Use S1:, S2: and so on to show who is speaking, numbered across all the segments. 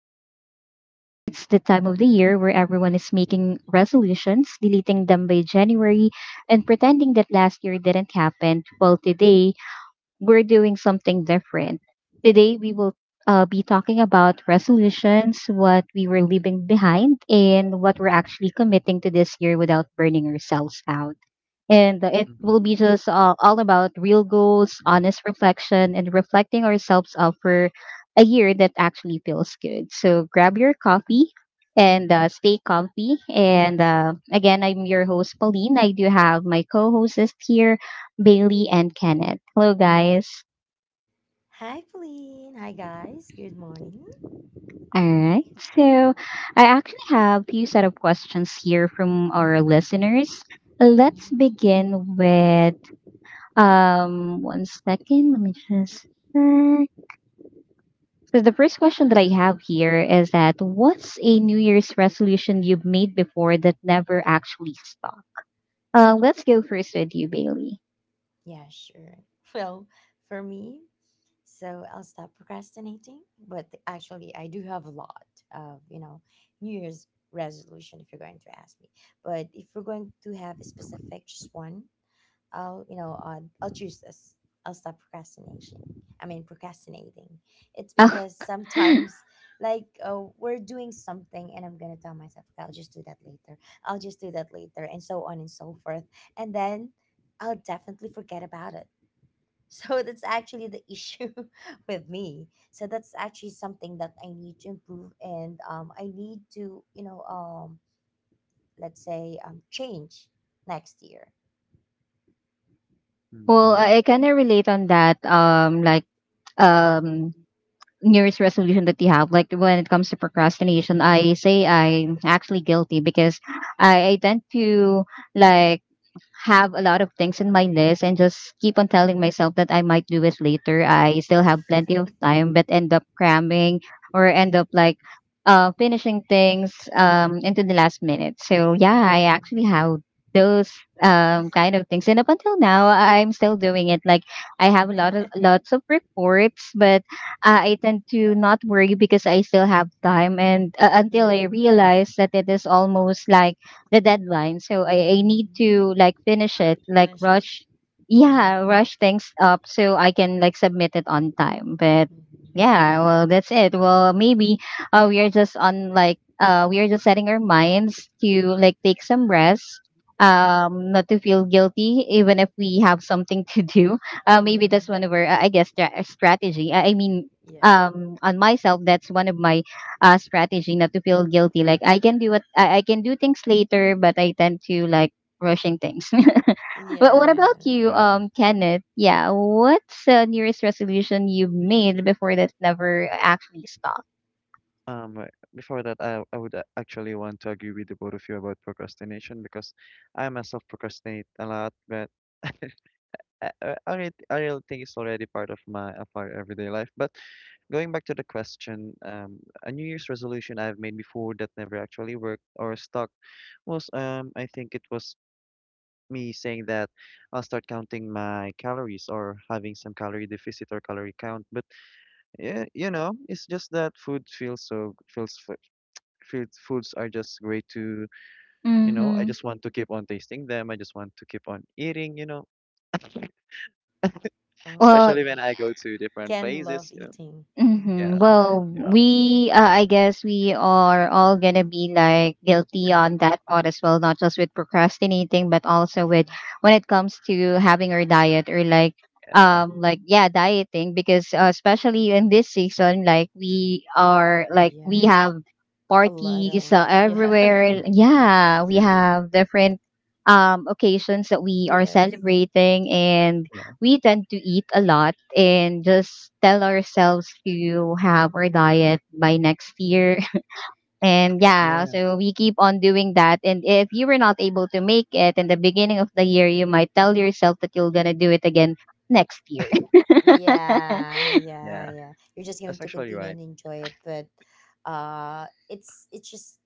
S1: Corner. And since it's the time of the year where everyone is making resolutions, deleting them by January, and pretending that last year didn't happen, well, today we're doing something different. Today we will be talking about resolutions, what we were leaving behind, and what we're actually committing to this year without burning ourselves out, and it
S2: Mhm,
S1: will be just all about real goals, honest reflection, and reflecting ourselves for a year that actually feels good. So grab your coffee and stay comfy. And Again, I'm your host, Pauline. I do have my co hosts here, Bailey and Kenneth. Hello, guys.
S3: Hi, Pauline. Hi, guys. Good morning.
S1: All right. So I actually have a few set of questions here from our listeners. Let's
S3: Mhm.
S1: begin with. One second. Let me just check. So the first question that I have here is that what's a New Year's resolution you've made before that never actually stuck? Let's go first with you, Bailey.
S3: Yeah, sure. Well, for me, so I'll stop procrastinating. But actually, I do have a lot of New Year's resolution if you're going to ask me. But if we're going to have a specific, just one, I'll you know I'll choose this. I'll stop procrastination. I mean procrastinating. It's
S1: Oh,
S3: because sometimes we're doing something and I'm gonna tell myself, okay, I'll just do that later. I'll just do that later, and so on and so forth. And then I'll definitely forget about it. So that's actually the issue with me. So that's actually something that I need to improve, and I need to let's say, change next year?
S1: well,
S2: mhm.
S1: I kind of relate on that. Like um, New Year's resolution that you have. Like when it comes to procrastination, I say I'm actually guilty because I tend to, like, have a lot of things in my list and just keep on telling myself that I might do it later. I still have plenty of time, but end up cramming or end up like finishing things into the last minute. So yeah, I
S3: Mm,
S1: actually have those kind of things, and up until now, I'm still doing it. Like I have a lot of lots of reports, but I tend to not worry because I still have time, and until I
S3: yeah.
S1: realize that it is almost like the deadline. So I need
S3: Hmm.
S1: to like finish it, like
S3: Finish it.
S1: rush, yeah,
S3: Hmm.
S1: rush things up so I can like submit it on time. But
S3: Hmm.
S1: yeah, well, that's it. Well, maybe we are just on like we are just setting our minds to like take some rest. Not to feel guilty, even if we have something to do.
S3: Yeah.
S1: Maybe that's one of our, I guess, strategy. I mean,
S3: Yeah.
S1: on myself, that's one of my strategy not to feel guilty. Like I can do what I can do things later, but I tend to like rushing things. But
S3: Yeah.
S1: what about
S3: Yeah.
S1: you,
S2: Wow.
S1: Kenneth? Yeah, what's the nearest resolution you've made before that never actually stopped?
S2: Um, Before that, I would actually want to agree with the both of you about procrastination because I myself procrastinate a lot, but I really think it's already part of my of our everyday life. But going back to the question, a New Year's resolution I've made before that never actually worked or stuck was, I think it was me saying that I'll start counting my calories or having some calorie deficit or calorie count. But yeah, it's just that food feels so feels f- food foods are just great to, I
S1: Mm-hmm.
S2: just want to keep on tasting them. I just want to keep on eating,
S1: Well,
S2: especially
S3: Oh.
S2: when I go to different
S3: Can
S2: places,
S3: love
S2: you know.
S3: eating.
S1: mm-hmm.
S2: Yeah,
S1: Well,
S2: yeah,
S1: we, I guess we are all gonna be like guilty on that part as well, not just with procrastinating, but also
S3: Yeah.
S1: with when it comes to having our diet or
S2: yeah.
S1: like, yeah, dieting, because especially in this season, like, we
S3: Yeah.
S1: have
S3: A lot
S1: parties
S3: of, yeah.
S1: everywhere.
S2: Mm-hmm.
S1: Yeah, we
S2: True.
S1: have different, occasions that we are
S3: Yes.
S1: celebrating, and
S2: Yeah,
S1: we tend to eat a lot and just tell ourselves to have our diet by next year.
S3: Yeah.
S1: And
S3: Yep.
S1: yeah,
S2: yeah,
S1: so we keep on doing that. And if you were not able to make it in the beginning of the year, you might tell yourself that you're going to do it again next year.
S3: Yeah, yeah,
S2: yeah.
S3: yeah. You're just going
S2: That's
S3: to
S2: actually
S3: continue
S2: right.
S3: and enjoy it, but it's just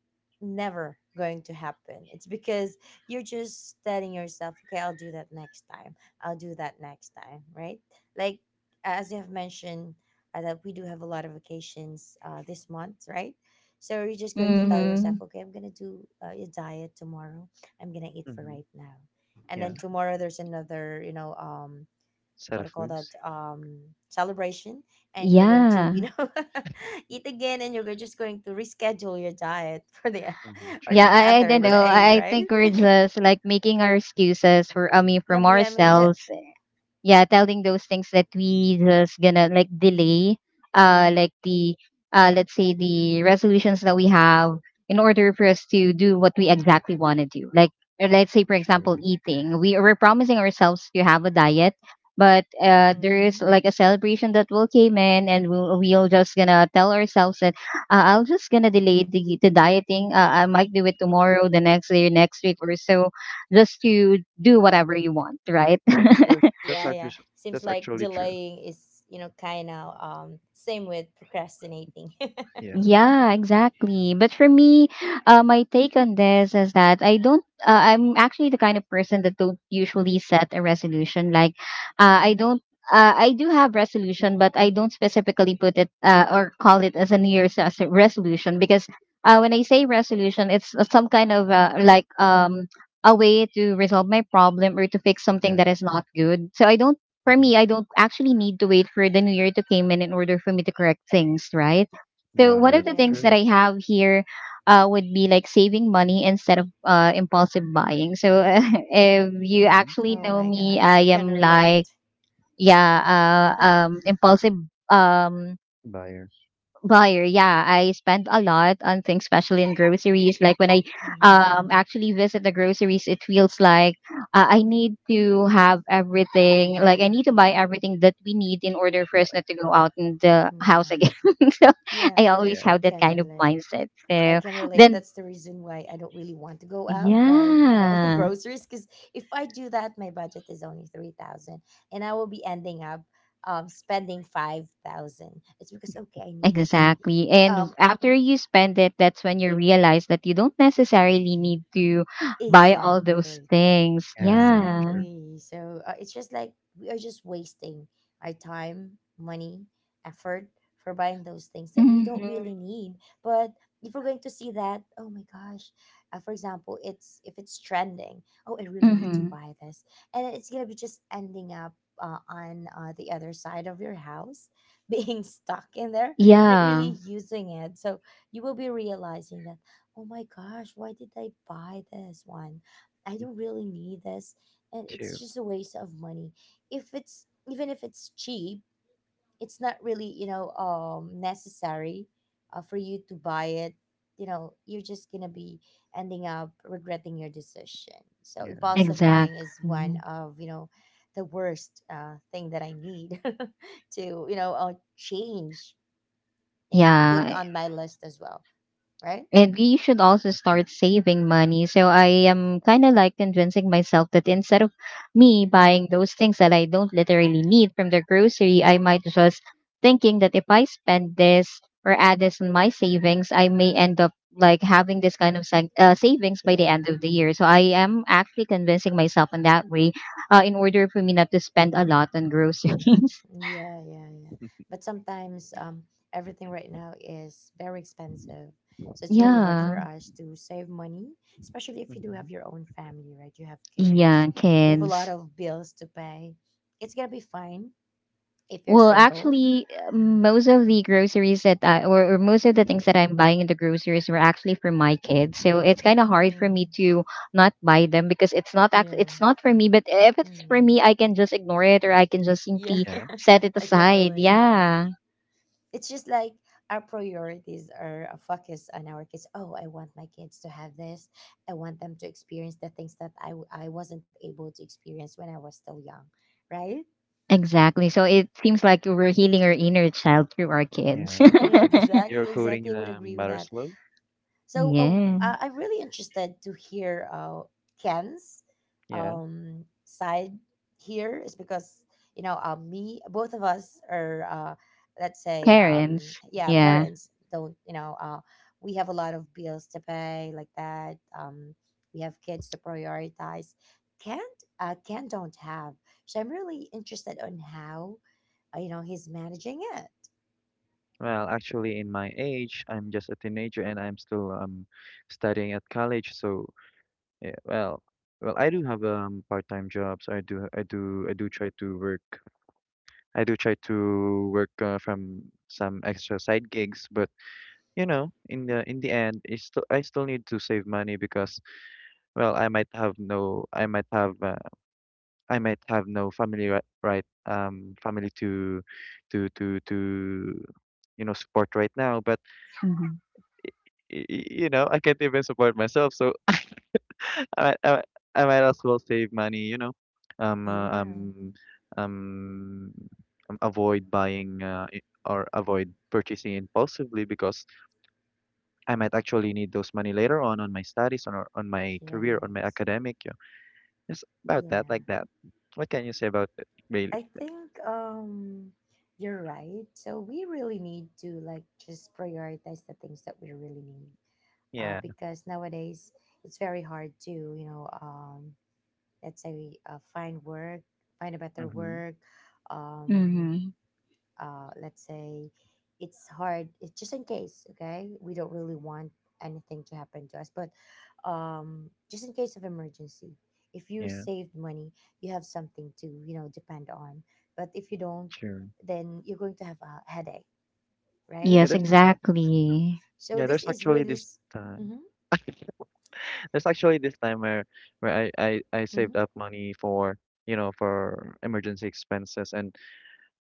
S3: never going to happen. It's because you're just telling yourself, okay, I'll do that next time. I'll do that next time, right? Like as you have mentioned that we do have a lot of vacations this month, right? So you're just going to tell yourself,
S1: Mm-hmm.
S3: okay, I'm gonna do a diet tomorrow. I'm gonna eat for
S2: Mm-hmm.
S3: right now, and then
S2: Yeah,
S3: tomorrow there's another, what
S2: set
S3: do
S2: of
S3: you call that,
S2: foods.
S3: celebration, and you're
S2: Yeah.
S3: going to,
S1: Yeah.
S3: eat again, and you're just going to reschedule your diet for the
S2: Mm-hmm.
S3: or
S1: Yeah,
S3: the
S2: True.
S1: I
S3: other
S1: don't
S2: Very
S1: know.
S2: true.
S3: day,
S1: I
S3: right?
S1: think we're just like making our excuses for I mean, from
S3: Nabriyan mo na dyan.
S1: ourselves. Yeah, telling those things that we just gonna like delay, like the let's say the resolutions that we have in order for us to do what we exactly want to do, like, or let's say, for example,
S2: True.
S1: eating. We're promising ourselves to have a diet, but there is
S3: Mhm.
S1: like a celebration that will came in, and we'll just gonna tell ourselves that I'll just gonna delay the dieting. I might do it tomorrow, the next day, next week, or so, just to do whatever you want, right?
S2: That's actually that's
S3: Yeah,
S2: actually
S3: yeah, seems
S2: that's
S3: like
S2: actually true.
S3: delaying is, you know, kind of, same with procrastinating.
S2: Yeah,
S1: Yeah, exactly. But for me, my take on this is that I don't. I'm actually the kind of person that don't usually set a resolution. Like, I don't. I do have resolution, but I don't specifically put it or call it as a New Year's resolution, because when I say resolution, it's some kind of like a way to resolve my problem or to fix something
S2: yeah.
S1: that is not good. So I don't. For
S2: Mm-hmm.
S1: me, I don't actually need to wait for the New Year to came in order for me to correct things, right? So
S2: No, yeah,
S1: one of the
S2: that's
S3: Yeah.
S1: things that
S2: true.
S1: I have here would be like saving money instead of impulsive buying. So if you
S2: Mm-hmm.
S1: actually
S3: Oh
S1: know
S3: my
S1: me,
S3: gosh,
S1: I
S3: I can
S1: am like,
S3: relate.
S1: yeah, impulsive, Um,
S2: Buyer.
S1: buyer. Yeah, I spend a lot on things, especially in groceries. Like when I
S3: Mm-hmm.
S1: actually visit the groceries, it feels like I need to have everything. Like, I need to buy everything that we need in order for
S2: Yeah,
S1: us not to go out in the house
S3: Yeah,
S1: again. So
S3: yeah.
S1: I always
S2: yeah.
S3: I
S1: have that
S3: can
S1: kind of
S3: relate.
S1: mindset,
S3: I
S1: so
S3: can relate.
S1: then
S3: That's the reason why I don't really want to go out buy, you know,
S1: yeah,
S3: groceries. Because if I do that, my budget is only 3,000, and I will be ending up spending 5,000. It's because okay, I need this.
S1: exactly, and
S3: Um,
S1: after you spend it, that's when you realize that you don't necessarily need to buy all those
S3: exactly.
S1: things.
S2: Yeah,
S1: Yeah.
S2: sure,
S3: Exactly. So it's just like we are just wasting our time, money, effort for buying those things that we don't
S1: Mhm.
S3: really need. But if we're going to see that, oh my gosh, for example, it's if it's trending, oh, I really need to
S1: Mm-hmm.
S3: buy this, and it's gonna be just ending up on the other side of your house, being stuck in there, not really
S1: Yeah,
S3: using it. So you will be realizing that, oh my gosh, why did I buy this one? I don't really need this, and it's
S2: too.
S3: just a waste of money. If it's, even if it's cheap, it's not really, you know, necessary for you to buy it. You know, you're just going to be ending up regretting your decision. So
S2: Yeah,
S3: impulsive
S2: true.
S3: buying is
S1: exactly.
S3: one of, you know, the worst thing that I need to, you know, change and put
S1: Yeah.
S2: Mm-hmm,
S3: on my list as well, right?
S1: And you should also
S2: mm-hmm,
S1: start saving money. So I am kind of like convincing myself that instead of me buying those things that I don't literally need from the grocery, I might just thinking that if I spend this or add this in my savings, I may end up like having this kind of savings by the
S3: Yeah.
S1: end of the year. So I am actually convincing myself in that way in order for me not to spend a lot on
S3: Mm,
S1: groceries.
S3: yeah, yeah, yeah. But sometimes, everything right now is very expensive. So it's really hard
S1: Yeah.
S3: for us to save money, especially if you do have
S2: mm-hmm.
S3: your own family, right? You have kids,
S1: Yeah,
S3: you have a lot
S1: kids.
S3: of bills to pay. It's gonna be fine if you're
S1: Well,
S3: single.
S1: actually, most of the groceries that I, or most of the things that I'm buying in the groceries were actually for my kids. So it's kind of hard for me
S3: Mm,
S1: to not buy them, because it's not act,
S3: yeah.
S1: it's not for me. But
S3: For,
S1: if it's for
S3: mm,
S1: me, I can just ignore it or I can just
S3: yeah,
S1: simply
S2: Yeah,
S1: set it
S3: I can
S1: aside.
S3: relate.
S1: Yeah,
S3: It's just like our priorities are a focus on our kids. Oh, I want my kids to have this. I want them to experience the things that I wasn't able to experience when I was still young, right?
S1: exactly. So it seems like we're healing our inner child through our kids.
S2: yeah. I think you're just you're
S3: Exactly,
S2: coding
S3: exactly.
S2: in
S3: I would
S2: a
S3: agree with
S2: matter
S3: that.
S2: slow.
S3: So
S1: Yeah,
S3: I'm really interested to hear Ken's
S2: Yeah.
S3: side here, is because you know, me, both of us are, let's say,
S1: parents.
S3: yeah,
S1: Yeah.
S3: parents, don't you know, we have a lot of bills to pay like that. We have kids to prioritize. Can't, Ken don't have. So I'm really interested on how, you know, he's managing it.
S2: Well, actually, in my age, I'm just a teenager and I'm still studying at college. So yeah, well, well, I do have part-time jobs. I do try to work. I do try to work from some extra side gigs, but you know, in the end, it's still I still need to save money because. Well, I might have no, I might have uh, I might have no family family to to you know support right now but
S1: Hmm.
S2: you know I can't even support myself so I might, I might I might as well save money you know um uh,
S3: Yeah.
S2: um um avoid buying or avoid purchasing impulsively because I might actually need those money later on my studies on my career on my
S3: Yes.
S2: academic yeah. It's about that
S3: Yeah.
S2: like that. What can you say about it
S3: I
S2: really.
S3: think, you're right. So we really need to like just prioritize the things that we really need.
S2: Yeah.
S3: Because nowadays it's very hard to, you know, let's say, find work, find a better
S2: Mm-hmm.
S3: work, um
S1: Hmm.
S3: let's say it's hard, it's just in case, okay, we don't really want anything to happen to us, but, just in case of emergency, if you
S2: Yeah.
S3: saved money, you have something to, you know, depend on, but if you don't,
S2: True.
S3: then you're going to have a headache, right?
S2: Yeah,
S1: Yes,
S2: there's this,
S1: exactly.
S3: So
S2: yeah,
S3: this
S2: there's
S3: is
S2: actually
S3: really
S2: this time.
S3: hmm.
S2: There's actually this time where I
S3: Hmm.
S2: saved up money for you know for emergency expenses and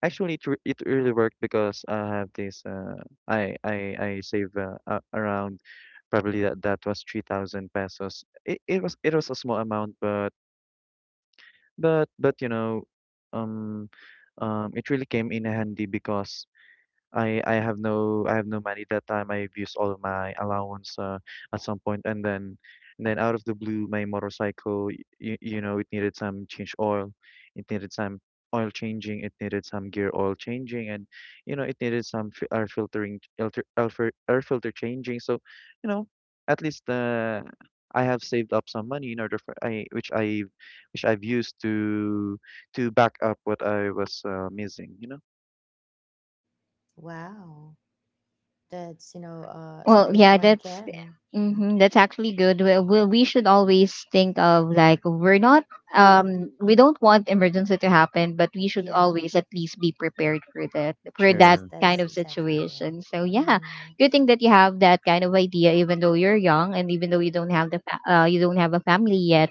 S2: actually it really worked because I have this uh, I save around probably that was 3,000 pesos. It was a small amount but you know um it really came in handy because I have no money that time. I've used all of my allowance at some point, and then out of the blue, my motorcycle, you know, it needed some change oil, it needed some oil changing, it needed some gear oil changing, and you know, it needed some fi- air filtering, filter, air, fil- air filter changing. So, you know, at least I have saved up some money in order for I which I've used to back up what I was missing. You know.
S3: Wow, that's, you know, it's a
S1: Well,
S3: great
S1: yeah,
S3: one,
S1: that's
S3: Ken.
S1: hmm that's actually good. We should always think of like we don't want emergency to happen, but we should
S3: Yeah,
S1: always at least be prepared for that
S3: yes,
S2: True.
S1: kind
S3: that's
S1: of
S3: exactly
S1: situation.
S3: correct.
S1: So yeah,
S3: Hmm.
S1: good thing that you have that kind of idea, even though you're young and even though you don't have the you don't have a family yet.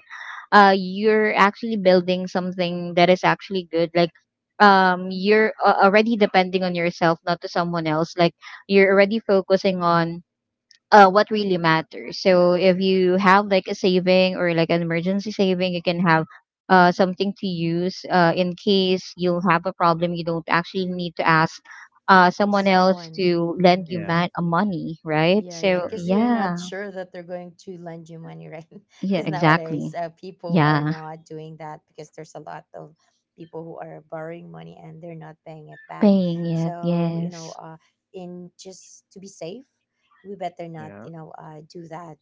S1: You're actually building something that is actually good. Like, you're already depending on yourself, not to someone else. Like you're already focusing on what really matters. So if you have like a saving or like an emergency saving, you can have something to use in case you'll have a problem. You don't actually need to ask someone else
S3: Someone.
S1: to lend you
S3: Hmm.
S2: Yeah.
S1: money, right?
S3: Yeah, yeah,
S1: So
S3: because
S2: True.
S3: you're not
S1: yeah,
S3: sure that they're going to lend you money, right?
S1: yeah,
S3: Because nowadays,
S1: exactly.
S3: people are
S1: Yeah,
S3: not doing that because there's a lot of people who are borrowing money and they're not paying it back.
S1: paying it.
S3: So you know,
S1: Yes,
S3: in just to be safe, we better not,
S2: Yeah.
S3: you know, do that,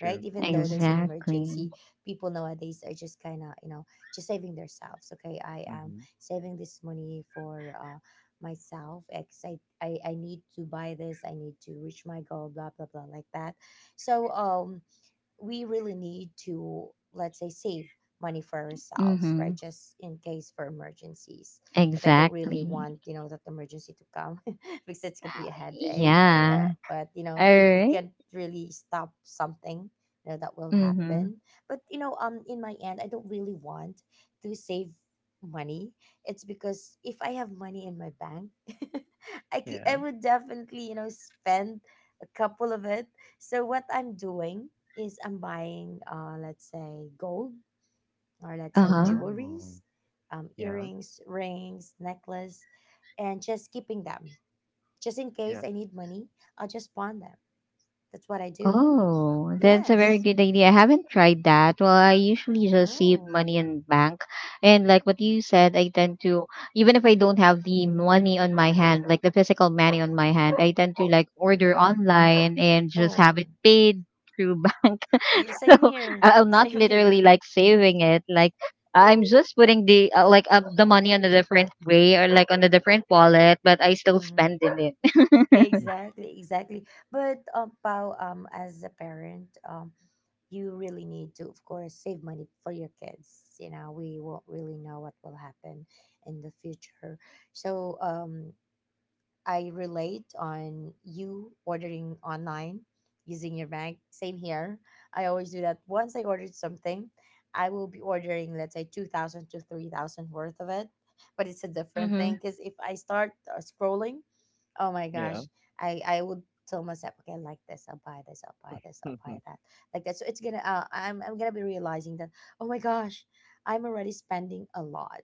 S3: right? Even though there's an
S1: exactly.
S3: emergency, people nowadays are just kind of, you know, just saving themselves. Okay, I am
S2: Mm-hmm.
S3: saving this money for, myself because I need to buy this, I need to reach my goal, blah, blah, blah, like that. So, we really need to, let's say, save money for ourselves,
S1: Mm-hmm.
S3: right, just in case for emergencies. But I don't really
S1: Exactly.
S3: want, you know, that emergency to come because it's going to be a headache. Yeah,
S1: Yeah.
S3: but you know,
S1: All
S3: we
S1: right.
S3: can't really stop something, you know, that will
S1: Mm-hmm.
S3: happen. But you know, in my end, I don't really want to save money. It's because if I have money in my bank, I
S2: Yeah.
S3: would definitely, you know, spend a couple of it. So what I'm doing is I'm buying, let's say, gold, or let's
S1: Uh
S3: say,
S1: huh.
S3: jewelries,
S2: Oh. Yeah.
S3: earrings, rings, necklace, and just keeping them. Just in
S2: Yeah.
S3: case I need money, I'll just pawn them. That's what I do.
S1: Oh, that's a very
S3: Yes.
S1: good idea. I haven't tried that. Well, I usually just save
S3: Oh.
S1: money in bank. And like what you said, I tend to, even if I don't have the money on my hand, like the physical money on my hand, I tend to like order
S3: Mm-hmm.
S1: online and just have
S3: Oh.
S1: it paid through bank.
S3: Yeah,
S1: So
S3: same here.
S1: I'm not
S3: Same
S1: literally
S3: here.
S1: like saving it. Like I'm just putting the money on a different way or like on a different wallet, but I still
S3: Mm-hmm.
S1: spend in it.
S2: Mm.
S3: Exactly, exactly. But Pao, as a parent, you really need to, of course, save money for your kids. You know, we won't really know what will happen in the future. So, I relate on you ordering online using your bank. Same here. I always do that. Once I ordered something, I will be ordering, let's say, 2,000 to 3,000 worth of it. But it's a different thing
S1: Mm-hmm.
S3: because if I start scrolling, oh my
S2: Yeah.
S3: gosh, I would tell myself, okay, I like this, I'll buy this, I'll buy this, I'll buy that. Like that. So it's gonna, I'm gonna be realizing that, oh my gosh, I'm already spending a lot.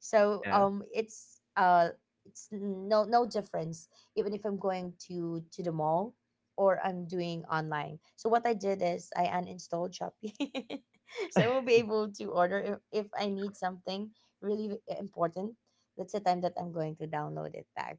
S3: So
S2: Yeah.
S3: it's no no difference even if I'm going to the mall or I'm doing online. So what I did is I uninstalled Shopee, so I will be able to order if I need something really important. That's the time that I'm going to download it back,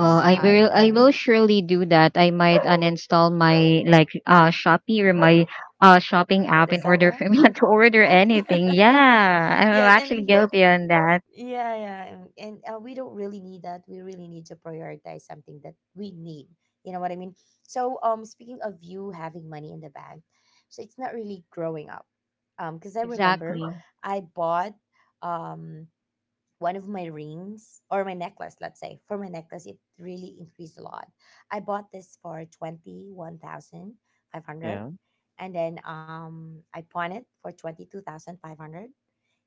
S1: I
S3: I
S1: will
S2: Mm.
S1: I will
S3: am
S1: surely do that. I might uninstall my like Shopee or my shopping app in order
S3: Lazada.
S1: for me not to order
S3: Yeah,
S1: anything. Yeah, I'm
S3: yeah,
S1: actually
S3: and
S1: guilty on that.
S3: yeah, yeah. And we don't really need that. We really need to prioritize something that we need. You know what I mean? So, speaking of you having money in the bank, so it's not really growing up. Because I remember
S1: Exactly.
S3: I bought um one of my rings or my necklace, let's say. For my necklace, it really increased a lot. I bought this for 21,500,
S2: Yeah.
S3: and then I pawned it for 22,500,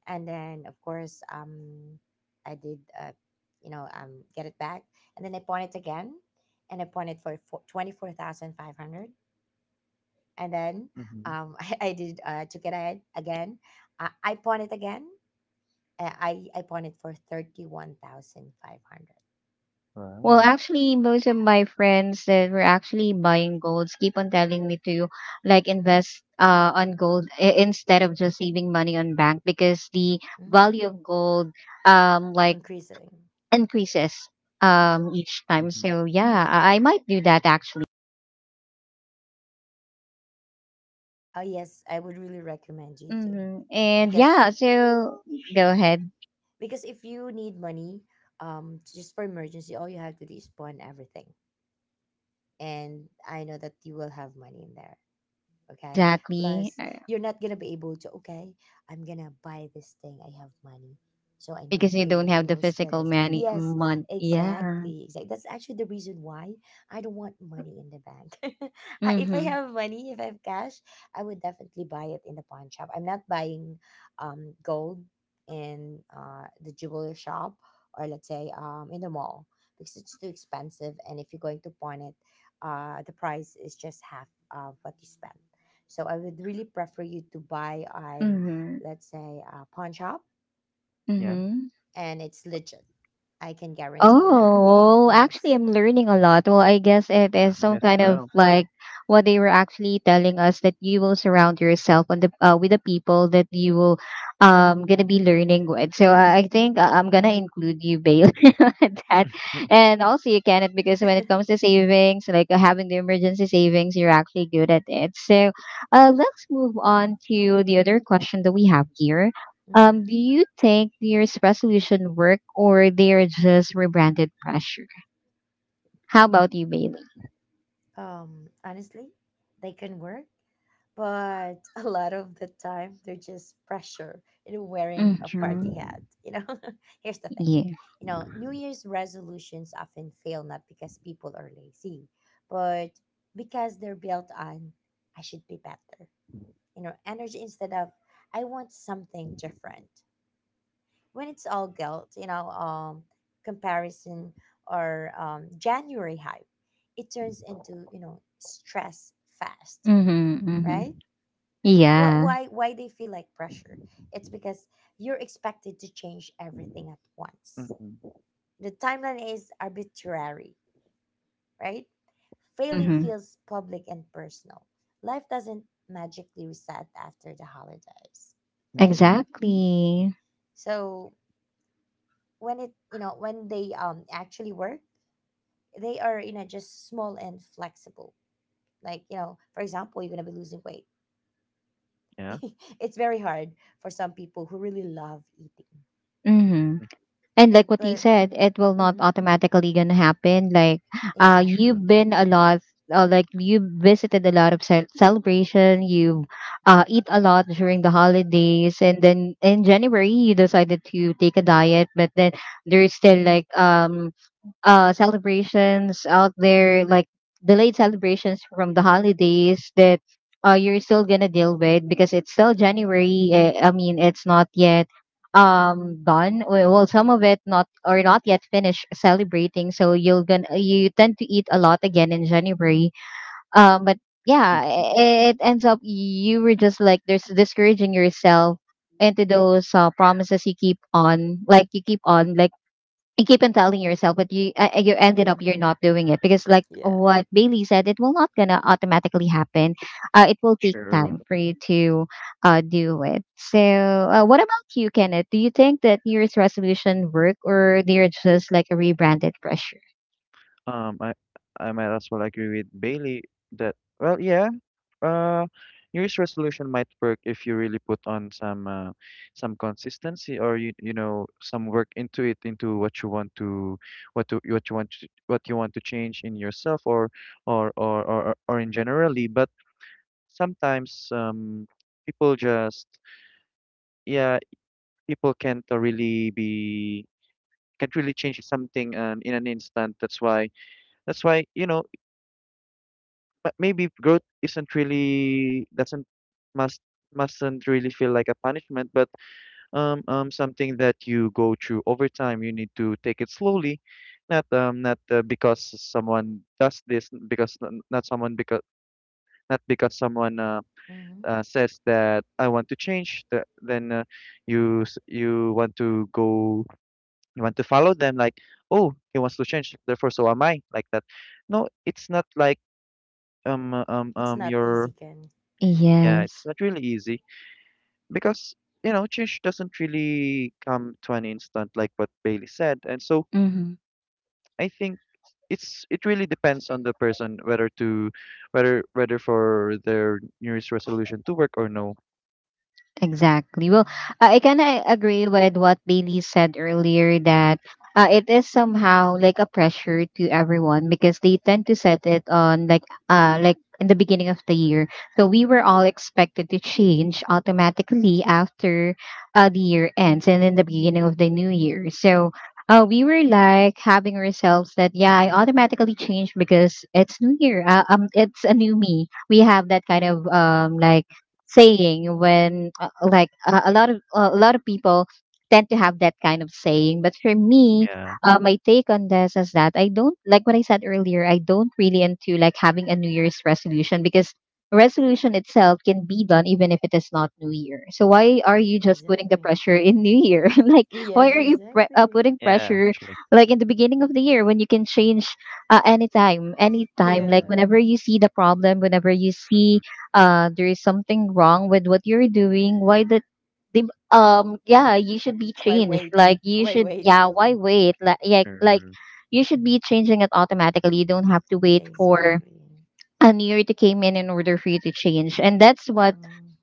S3: and then of course I did you know, get it back, and then I pawned it again, and I pawned it for 24500, and then
S2: Mm-hmm.
S3: I did took it ahead again, I pawned it again, I pawned it for 31500.
S1: Well,
S2: Wow.
S1: actually, most of my friends that were actually buying golds keep on telling me to like invest on gold, instead of just saving money on bank, because the value
S3: Mm-hmm.
S1: of gold like
S3: Increasing.
S1: increases
S3: Mm-hmm.
S1: each time.
S2: Mm-hmm.
S1: So yeah, I might do that actually.
S3: Oh yes, I would really recommend you to.
S1: Mm-hmm. And
S3: because
S1: yeah, so go ahead.
S3: because if you need money, just for emergency, all you have to do is pawn everything, and I know that you will have money in there. Okay,
S1: Exactly.
S3: plus you're not gonna be able to, okay I'm gonna buy this thing, I have money, so I need
S1: Because you don't
S3: to
S1: have the
S3: spend
S1: physical
S3: this.
S1: money.
S3: Yes,
S1: Yeah.
S3: exactly, exactly, that's actually the reason why I don't want money in the bank. If I
S1: Mm-hmm.
S3: have money, if I have cash, I would definitely buy it in the pawn shop. I'm not buying gold in the jeweler shop, or let's say in the mall, because it's too expensive. And if you're going to pawn it, the price is just half of what you spend. So I would really prefer you to buy on,
S1: Mm-hmm.
S3: let's say, a pawn shop,
S2: Yeah.
S1: Mm-hmm.
S3: and it's legit. I can guarantee you that.
S1: Oh, well, actually,
S3: Yes.
S1: I'm learning a lot. Well, I guess it
S2: Yeah.
S1: is
S2: Me
S1: some
S2: as
S1: kind of
S2: well.
S1: like what they were actually telling us that you will surround yourself on the with the people that you will gonna be learning with. So I think I'm gonna include you, Bail, on that, and also you can it because when it comes to savings, like, having the emergency savings, you're actually good at it. So, let's move on to the other question that we have here.
S3: hmm
S1: Do you think New Year's resolution work or they are just rebranded pressure? How about you, Bailey?
S3: Honestly, they can work, but a lot of the time they're just pressure in wearing a
S2: True.
S1: Mm-hmm.
S3: party hat. Here's the thing.
S1: Yeah.
S3: New Year's resolutions often fail not because people are lazy, but because they're built on "I should be better" energy, instead of "I want something different." When it's all guilt, comparison, or January hype, it turns into stress fast,
S1: Mm-hmm. Mm-hmm.
S3: right? Wh-
S1: Yeah.
S3: why why they feel like pressure, it's because you're expected to change everything at once,
S2: Mm-hmm.
S3: the timeline is arbitrary, right? Failing
S2: Yeah.
S1: Mm-hmm.
S3: feels public and personal. Life doesn't magically reset after the holidays, right?
S2: Mm-hmm.
S1: Exactly.
S3: So, when it you know when they actually work, they are just small and flexible, like for example, you're going to be losing weight.
S2: Yeah.
S3: It's very hard for some people who really love eating,
S1: Mm-hmm.
S2: Mm.
S1: And
S3: right?
S1: like what you
S3: But
S1: said, it will not
S3: mm-hmm,
S1: automatically gonna happen. Like
S2: Sure.
S3: exactly.
S1: you've been a lot, like you visited a lot of celebration, you eat a lot during the holidays, and then in January you decided to take a diet, but then there's still like celebrations out there, like delayed celebrations from the holidays that you're still gonna deal with because it's still January. Eh, I mean, it's not yet done. Some of it not or not yet finished celebrating, so you'll gonna, you tend to eat a lot again in January. But Yeah,
S2: Mhm.
S1: it ends up you were just like there's discouraging yourself into those promises. You keep on like, you keep on telling yourself, but you you ended up you're
S3: Mm-hmm,
S1: not doing it, because like
S3: yeah.
S1: what Bailey said, it will not gonna automatically happen. It will take
S2: Sure.
S1: time for you to do it. So what about you, Kenneth? Do you think that New Year's resolution work or they're just like a rebranded pressure?
S2: Um, I I might as well agree with Bailey that well, yeah. Uh, New Year's resolution might work if you really put on some consistency or you know some work into it into what you want to what you want to change in yourself or or in generally. But sometimes people just yeah people can't really change something in an instant. That's why, you know, maybe growth isn't really doesn't must mustn't really feel like a punishment, but something that you go through over time. You need to take it slowly, not because someone does this, n- because n- not someone because not because someone
S3: Mm-hmm.
S2: says that I want to change. Then you want to go you want to follow them like oh he wants to change therefore so am I like that. No, it's not like
S3: It's not
S2: your
S3: easy, Can.
S2: yeah it's
S1: Yes.
S2: not really easy because you know change doesn't really come to an instant like what Bailey said and so I think it really depends on the person whether to whether for their New Year's resolution to work or no.
S1: Exactly. Well,
S3: Yeah,
S1: I kind of agree with what Bailey said earlier, that it is somehow like a pressure to everyone because they tend to set it on like in the beginning of the year. So we were all expected to change automatically after the year ends and in the beginning of the new year. So we were like having ourselves that, yeah, I automatically changed because it's new year. It's a new me. We have that kind of like saying when like a lot of people tend to have that kind of saying. But for me,
S2: Yeah,
S1: my take on this is that, I don't, like what I said earlier, I don't really into like having a new year's resolution, because resolution itself can be done even if it is not new year. So why are you just putting the
S3: exactly.
S1: pressure in new year like why
S3: Yes,
S1: are you
S3: exactly.
S1: putting
S2: yeah
S1: pressure
S2: actually.
S1: like in the beginning of the year, when you can change anytime. Anytime
S2: Mm-hmm,
S1: like
S3: Yeah,
S1: whenever you see the problem, whenever you
S2: mm-hmm,
S1: see there is something wrong with what you're doing. Why that they, yeah, you should be
S3: why
S1: changed,
S3: wait?
S1: like you
S3: Why
S1: should,
S3: wait?
S1: yeah, why wait, like yeah, like
S2: sure.
S1: you should be changing it automatically. You don't have to wait for
S3: Exactly.
S1: a new year to came in order for you to change. And that's what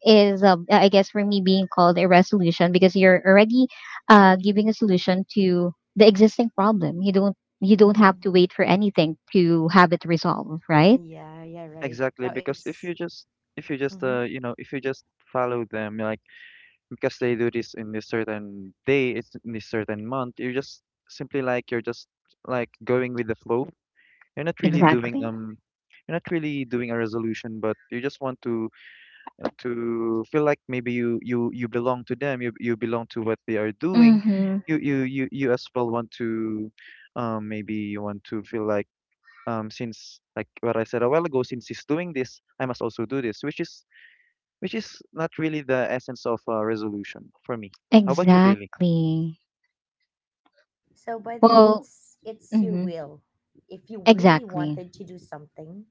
S1: is I guess for me being called a resolution, because you're already giving a solution to the existing problem. You don't have
S3: Mm-hmm.
S1: to wait for anything to have it resolved, right?
S3: Yeah, yeah, right,
S2: Exactly,
S3: but
S2: because
S3: it's...
S2: if you just
S3: Mm-hmm.
S2: you know if you just follow them like because they do this in this certain day, it's in this certain month, you're just simply like you're just like going with the flow. You're not really doing
S1: Exactly.
S2: you're not really doing a resolution, but you just want to feel like maybe you belong to them, you belong to what they are doing.
S1: Mm-hmm.
S2: You as well want to maybe you want to feel like since like what I said a while ago, since he's doing this, I must also do this, which is not really the essence of a resolution for me. How about you, Bailey?
S1: Exactly.
S3: So by the way,
S1: Well,
S3: it's your
S1: mhm,
S3: will. If you really
S1: exactly.
S3: wanted to do something,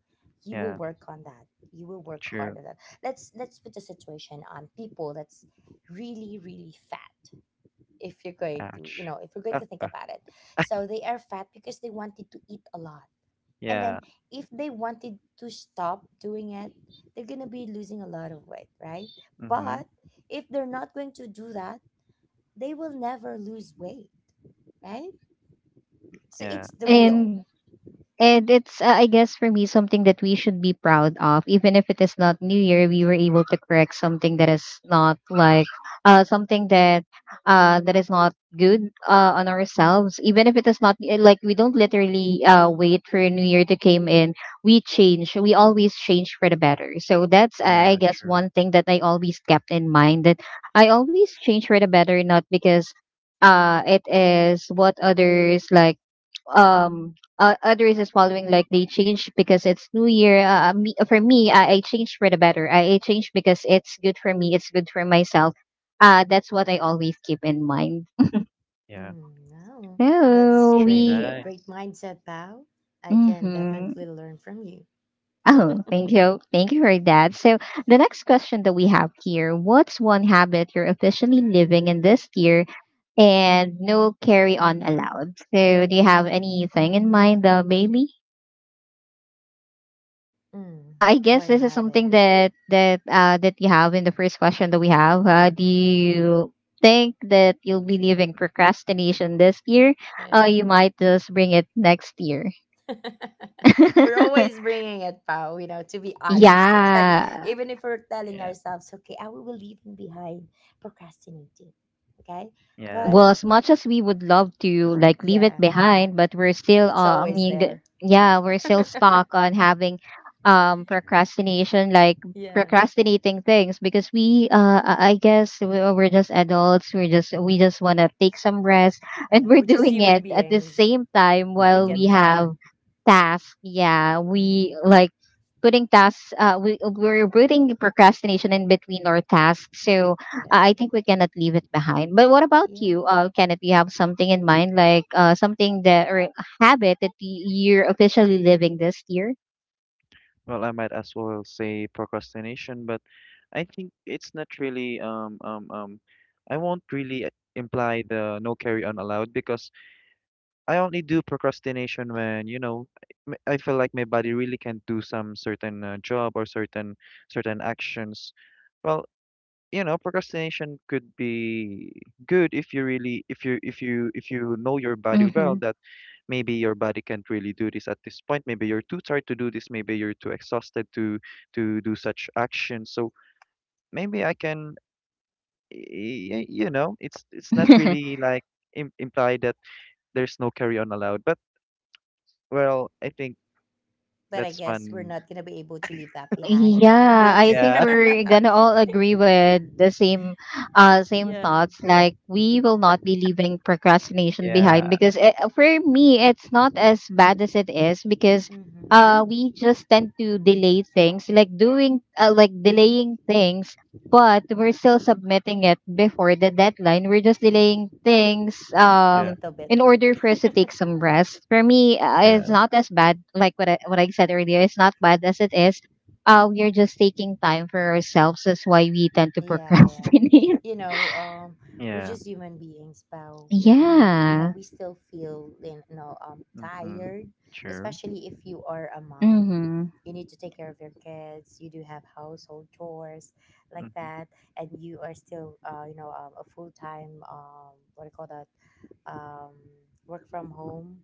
S3: you will
S2: Yeah,
S3: work on that. You will work hard
S2: true.
S3: on that. Let's put the situation on people that's really, really fat. If you're going to,
S2: Ouch.
S3: if you're going
S2: Uh,
S3: to think about it. So they are fat because they wanted to eat a lot. And then
S2: yeah.
S3: if they wanted to stop doing it, they're going to be losing a lot of weight, right?
S2: Mm-hmm.
S3: But if they're not going to do that, they will never lose weight, right? So
S2: Yeah.
S3: it's the will.
S1: And And it's, I guess, for me, something that we should be proud of. Even if it is not New Year, we were able to correct something that is not like something that that is not good on ourselves. Even if it is not, eh, like we don't literally wait for New Year to came in, we change. We always change for the better. So that's, I
S2: Yeah.
S1: guess,
S2: True.
S1: one thing that I always kept in mind, that I always change for the better, not because it is what others like others is following, like they change because it's new year. For me, I change for the better. I change because it's good for me, it's good for myself. That's what I always keep in mind.
S2: Yeah.
S3: Mm, wow,
S2: It's
S3: that's
S1: So
S2: actually
S3: great.
S1: we,
S3: Great
S2: nice.
S3: mindset, pal. I can
S1: mm-hmm.
S3: definitely learn from you.
S1: Oh, thank you for that. So the next question that we have here, what's one habit you're officially living in this year, and no carry on allowed? So do you have anything in mind, Bailey?
S3: Mm,
S1: I guess
S3: one
S1: this is
S3: habit.
S1: something that that you have in the first question that we have. Do
S3: Yeah.
S1: you think that you'll be leaving procrastination this year?
S3: Yeah.
S1: You might just bring it next year.
S3: We're always bringing it, Pao, to be honest, okay?
S1: Yeah,
S3: Even if we're telling
S2: Yeah.
S3: ourselves, okay, I will leave him behind, procrastinating, okay?
S2: Yeah.
S3: But
S1: well, as much as we would love to like leave it
S3: yeah,
S1: behind, but we're still
S3: it's
S1: I
S3: always
S1: mean,
S3: there.
S1: yeah, we're still stuck on having
S2: True.
S1: procrastination, like
S3: Yeah,
S1: procrastinating things, because we I guess we're just adults. We just want to take some rest, and
S3: yeah,
S1: we're
S3: we're just
S1: doing
S3: human
S1: it at the
S3: beings.
S1: same time
S3: We
S1: while
S3: get
S2: Mm-hmm.
S1: we have
S3: tired.
S1: task, yeah, we
S3: Hmm.
S1: like putting tasks. We're putting procrastination in between our tasks. So
S3: Yeah,
S1: I think we cannot leave it behind. But what about you,
S3: yeah.
S1: Kenneth? You have something in mind, like something that or a habit that you're officially living this year?
S2: Well, I might as well say procrastination, but I think it's not really I won't really imply the no carry on allowed because I only do procrastination when, you know, I feel like my body really can't do some certain job or certain actions. Well, you know, procrastination could be good if you really if you know your body well
S1: Mm-hmm.
S2: that maybe your body can't really do this at this point. Maybe you're too tired to do this. Maybe you're too exhausted to do such actions. So maybe I can, you know, it's not really like implied that there's no carry on allowed. But well, I think
S3: But I
S2: That's
S3: guess we're
S2: one
S3: not going to be able to leave that behind
S1: Yeah, I
S3: this year.
S1: think
S2: yeah,
S1: we're gonna all agree with the same same
S3: Yeah.
S1: thoughts. Like, we will not be leaving procrastination behind,
S2: yeah,
S1: because it, for me, it's not as bad as it is, because
S3: Hmm.
S2: true.
S1: we just tend to delay things, like doing like delaying things, but we're still submitting it before the deadline. We're just
S3: Yeah,
S1: delaying things
S3: a
S2: Yeah,
S3: little bit.
S1: in order for us to take some rest. For me, it's
S2: yeah,
S3: Yeah.
S1: not as bad, like what I, said earlier. It's not bad as it is, we are just taking time for ourselves. That's why we tend to
S3: Yeah, yeah.
S1: procrastinate.
S3: You know, um, we're
S2: yeah.
S3: just human beings, pal. We
S1: Yeah.
S3: we still feel,
S2: Mm-hmm.
S3: tired,
S2: True.
S3: especially if you are a mom.
S1: Mm-hmm.
S3: You need to take care of your kids. You do have household chores like
S2: Mm-hmm.
S3: that, and you are still, a full time, what do you call that, um, work from home.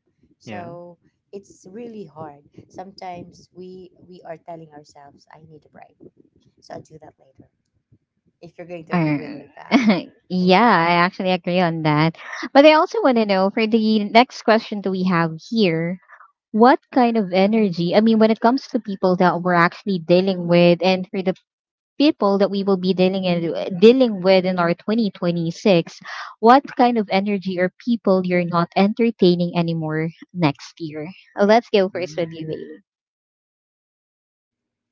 S2: Yeah.
S3: So it's really hard. Sometimes we are telling ourselves, "I need a break," so I'll do that later if you're going to agree with
S1: Or,
S3: me, pal, and
S1: yeah, I
S3: Ken.
S1: actually agree on that. But I also want to know, for the next question that we have here, what kind of energy, I mean, when it comes to people that we're actually dealing with, and for the people that we will be dealing in, dealing with in our 2026, what kind of energy or people you're not entertaining anymore next year? Let's go first with you,
S2: Mm.
S1: Bailey.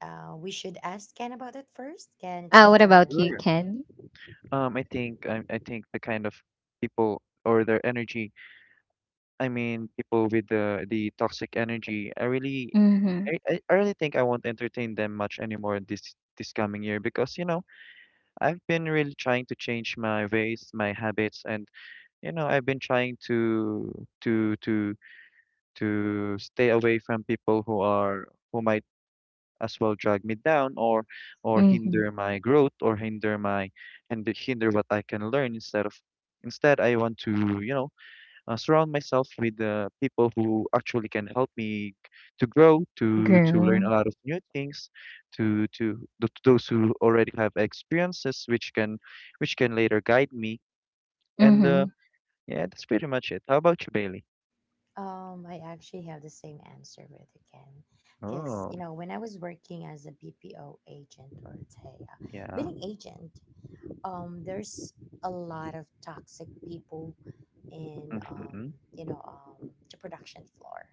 S3: We should ask Ken about it first. Ken, it's your
S1: What about you,
S2: Sure.
S3: turn.
S1: Ken?
S2: I think I think the kind of people or their energy, I mean, people with the toxic energy, I really
S1: Mm-hmm.
S2: I really think I won't entertain them much anymore this coming year because, you know, I've been really trying to change my ways, my habits, and you know, I've been trying to to stay away from people who are who might as well drag me down or
S1: Mm-hmm.
S2: hinder my growth or hinder my and hinder what I can learn instead of instead I want to you know surround myself with people who actually can help me to grow to learn a
S1: Girl.
S2: lot of new things to those who already have experiences which can later guide me and
S1: Mm-hmm.
S2: yeah that's pretty much it. How about you, Bailey?
S3: I actually have the same answer with you, Ken. Because,
S2: Oh.
S3: when I was working as a BPO agent or T E a TA,
S2: Yeah.
S3: billing agent, there's a lot of toxic people in
S2: Mm-hmm.
S3: the production floor,